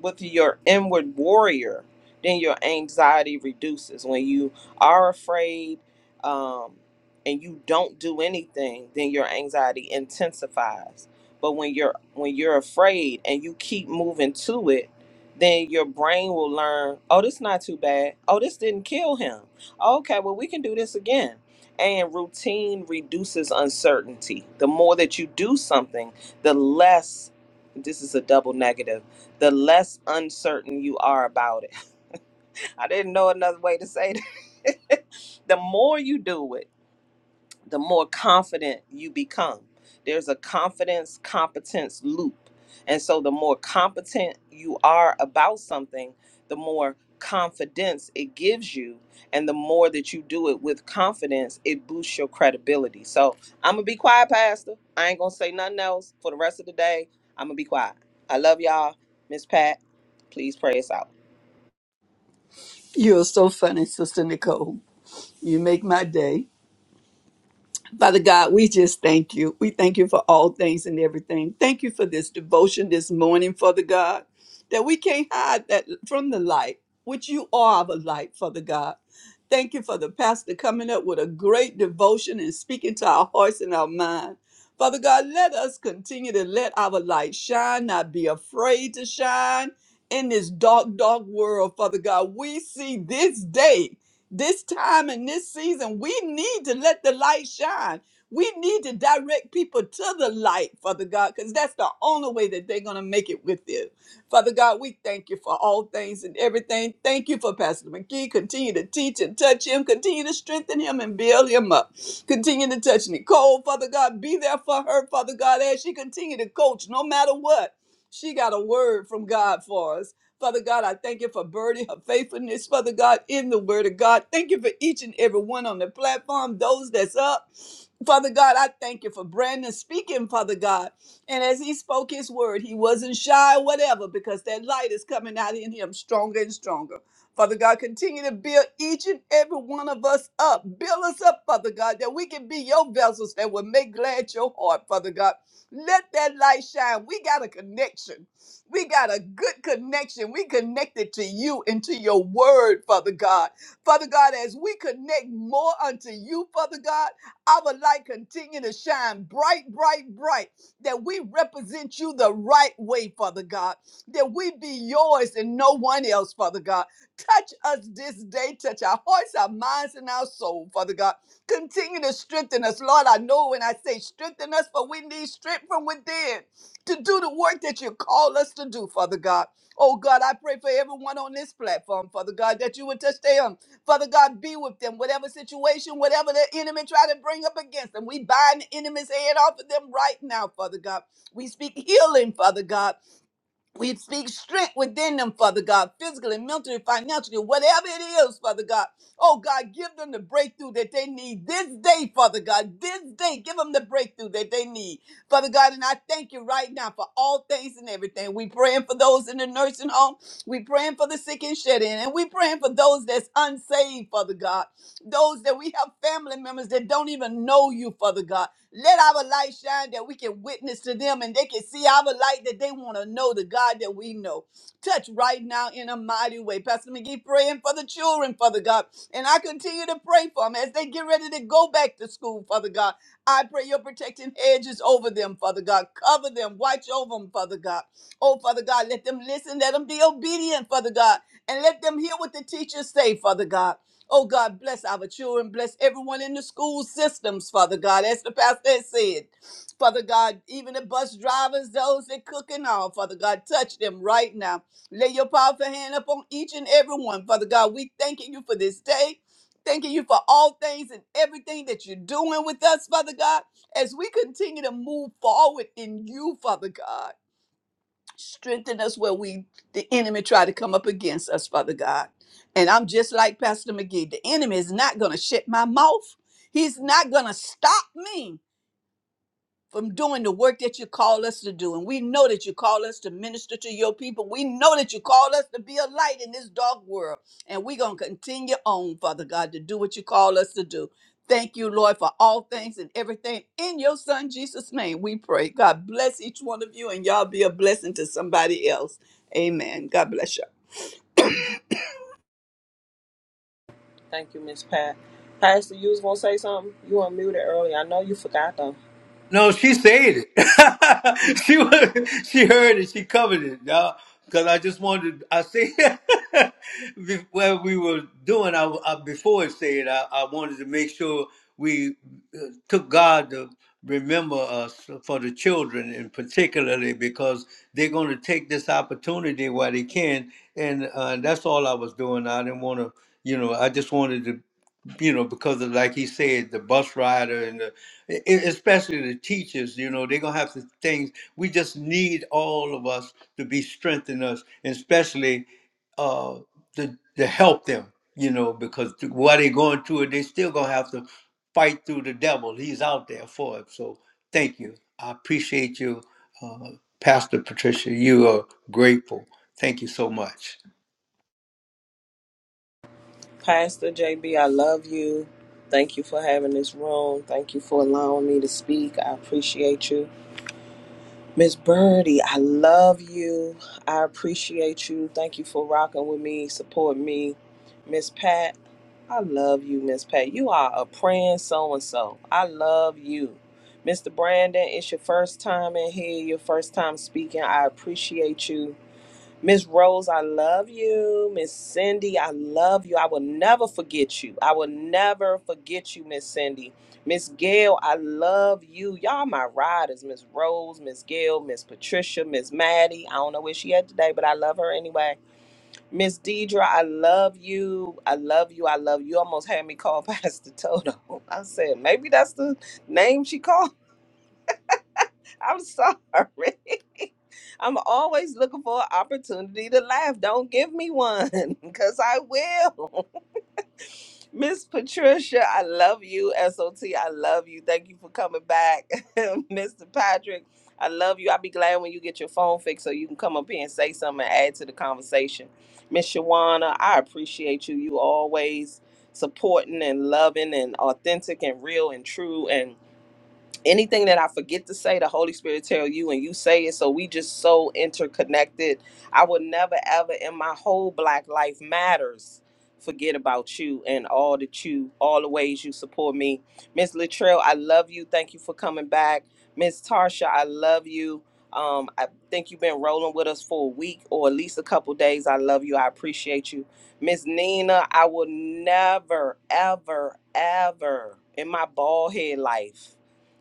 Speaker 2: with your inward warrior, then your anxiety reduces. When you are afraid um, and you don't do anything, then your anxiety intensifies. But when you're when you're afraid and you keep moving to it, then your brain will learn, oh, this not too bad. Oh, this didn't kill him. Okay, well we can do this again. And routine reduces uncertainty. The more that you do something, the less this is a double negative the less uncertain you are about it. I didn't know another way to say that. the more you do it, the more confident you become. There's a confidence competence loop. And so the more competent you are about something, the more confidence it gives you and the more that you do it with confidence, it boosts your credibility. So, I'm going to be quiet, pastor. I ain't going to say nothing else for the rest of the day. I'm going to be quiet. I love y'all. Miss Pat, please pray us out.
Speaker 4: You're so funny, Sister Nicole. You make my day. Father God, we just thank you. We thank you for all things and everything. Thank you for this devotion this morning, Father God, that we can't hide that from the light, which you are the light, Father God. Thank you for the pastor coming up with a great devotion and speaking to our hearts and our mind. Father God, let us continue to let our light shine, not be afraid to shine in this dark, dark world, Father God. We see this day this time and this season, we need to let the light shine. We need to direct people to the light, Father God, because that's the only way that they're going to make it with you. Father God, we thank you for all things and everything. Thank you for Pastor McGee. Continue to teach and touch him. Continue to strengthen him and build him up. Continue to touch Nicole, Father God. Be there for her, Father God, as she continue to coach no matter what. She got a word from God for us. Father God, I thank you for Birdie, her faithfulness, Father God, in the Word of God. Thank you for each and every one on the platform, those that's up. Father God, I thank you for Brandon speaking, Father God. And as he spoke his word, he wasn't shy or whatever because that light is coming out in him stronger and stronger. Father God, continue to build each and every one of us up. Build us up, Father God, that we can be your vessels that will make glad your heart, Father God. Let that light shine. We got a connection. We got a good connection. We connected to you and to your word, Father God. Father God, as we connect more unto you, Father God, our light continue to shine bright, bright, bright, that we represent you the right way, Father God, that we be yours and no one else, Father God. Touch us this day, touch our hearts, our minds, and our soul, Father God. Continue to strengthen us, Lord. I know when I say strengthen us, but we need strength from within to do the work that you call us to do, Father God. Oh God, I pray for everyone on this platform, Father God, that you would touch them. Father God, be with them, whatever situation, whatever the enemy try to bring up against them. We bind the enemy's head off of them right now, Father God. We speak healing, Father God. We speak strength within them, Father God, physically, mentally, financially, whatever it is, Father God. Oh God, give them the breakthrough that they need this day, Father God. This day, give them the breakthrough that they need, Father God. And I thank you right now for all things and everything. We praying for those in the nursing home. We praying for the sick and shed in, and we praying for those that's unsaved, Father God. Those that we have family members that don't even know you, Father God. Let our light shine that we can witness to them and they can see our light that they want to know the God that we know. Touch right now in a mighty way. Pastor McGee praying for the children, Father God. And I continue to pray for them as they get ready to go back to school, Father God. I pray your protecting hedges over them, Father God. Cover them. Watch over them, Father God. Oh, Father God, let them listen. Let them be obedient, Father God. And let them hear what the teachers say, Father God. Oh God, bless our children, bless everyone in the school systems, Father God, as the pastor has said. Father God, even the bus drivers, those that cook and all, Father God, touch them right now. Lay your powerful hand upon each and every one, Father God. We thanking you for this day. Thanking you for all things and everything that you're doing with us, Father God, as we continue to move forward in you, Father God strengthen us where we the enemy try to come up against us father god and i'm just like pastor mcgee the enemy is not going to shut my mouth he's not going to stop me from doing the work that you call us to do. And we know that you call us to minister to your people. We know that you call us to be a light in this dark world. And we're going to continue on, Father God, to do what you call us to do. Thank you, Lord, for all things and everything. In your Son, Jesus' name, we pray. God bless each one of you, and y'all be a blessing to somebody else. Amen. God bless you.
Speaker 2: Thank you, Miss Pat. Pastor, you was gonna say something? You unmuted early. I know you forgot though.
Speaker 1: No, she said it. she wa- she heard it. She covered it, you all Because I just wanted, I said, be- when we were doing, I, I before it said, I, I wanted to make sure we uh, took God to remember us for the children, and particularly because they're going to take this opportunity while they can. And uh, that's all I was doing. I didn't want to, you know, I just wanted to you know, because of like he said, the bus rider and the, e- e- especially the teachers, you know, they're gonna have to things. We just need all of us to be strengthened us, and especially uh, to to help them, you know, because th- while they're going through it, they still gonna have to fight through the devil. He's out there for it. So thank you. I appreciate you, uh, Pastor Patricia. You are grateful. Thank you so much.
Speaker 2: Pastor JB, I love you. Thank you for having this room. Thank you for allowing me to speak. I appreciate you. Miss Birdie, I love you. I appreciate you. Thank you for rocking with me, supporting me. Miss Pat, I love you, Miss Pat. You are a praying so and so. I love you. Mr. Brandon, it's your first time in here, your first time speaking. I appreciate you Miss Rose, I love you. Miss Cindy, I love you. I will never forget you. I will never forget you, Miss Cindy. Miss Gail, I love you. Y'all my riders, Miss Rose, Miss Gail, Miss Patricia, Miss Maddie. I don't know where she at today, but I love her anyway. Miss Deidre, I love you. I love you. I love you. You Almost had me call Pastor Toto. I said, maybe that's the name she called. I'm sorry. I'm always looking for an opportunity to laugh. Don't give me one because I will. Miss Patricia, I love you. SOT, I love you. Thank you for coming back. Mr. Patrick, I love you. I'll be glad when you get your phone fixed so you can come up here and say something and add to the conversation. Miss Shawana, I appreciate you. You always supporting and loving and authentic and real and true anything that I forget to say, the Holy Spirit tell you and you say it. So we just so interconnected. I would never ever in my whole black life matters forget about you and all that you all the ways you support me. Miss Latrell, I love you. Thank you for coming back. Miss Tarsha, I love you. Um, I think you've been rolling with us for a week or at least a couple days. I love you. I appreciate you. Miss Nina, I will never, ever, ever in my bald head life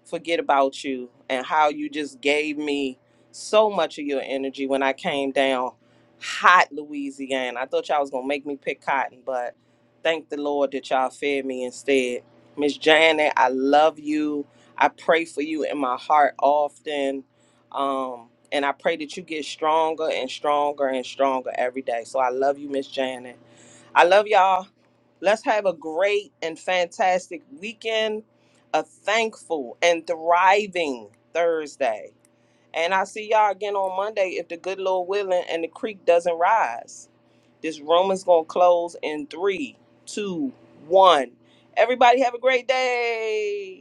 Speaker 2: forget about you and how you just gave me so much of your energy when I came down hot Louisiana. I thought y'all was gonna make me pick cotton, but thank the Lord that y'all fed me instead. Miss Janet, I love you. I pray for you in my heart often. Um, and I pray that you get stronger and stronger and stronger every day. So I love you, Miss Janet. I love y'all. Let's have a great and fantastic weekend, a thankful and thriving Thursday. And I see y'all again on Monday if the good Lord willing and the creek doesn't rise. This room is going to close in three, two, one. Everybody have a great day.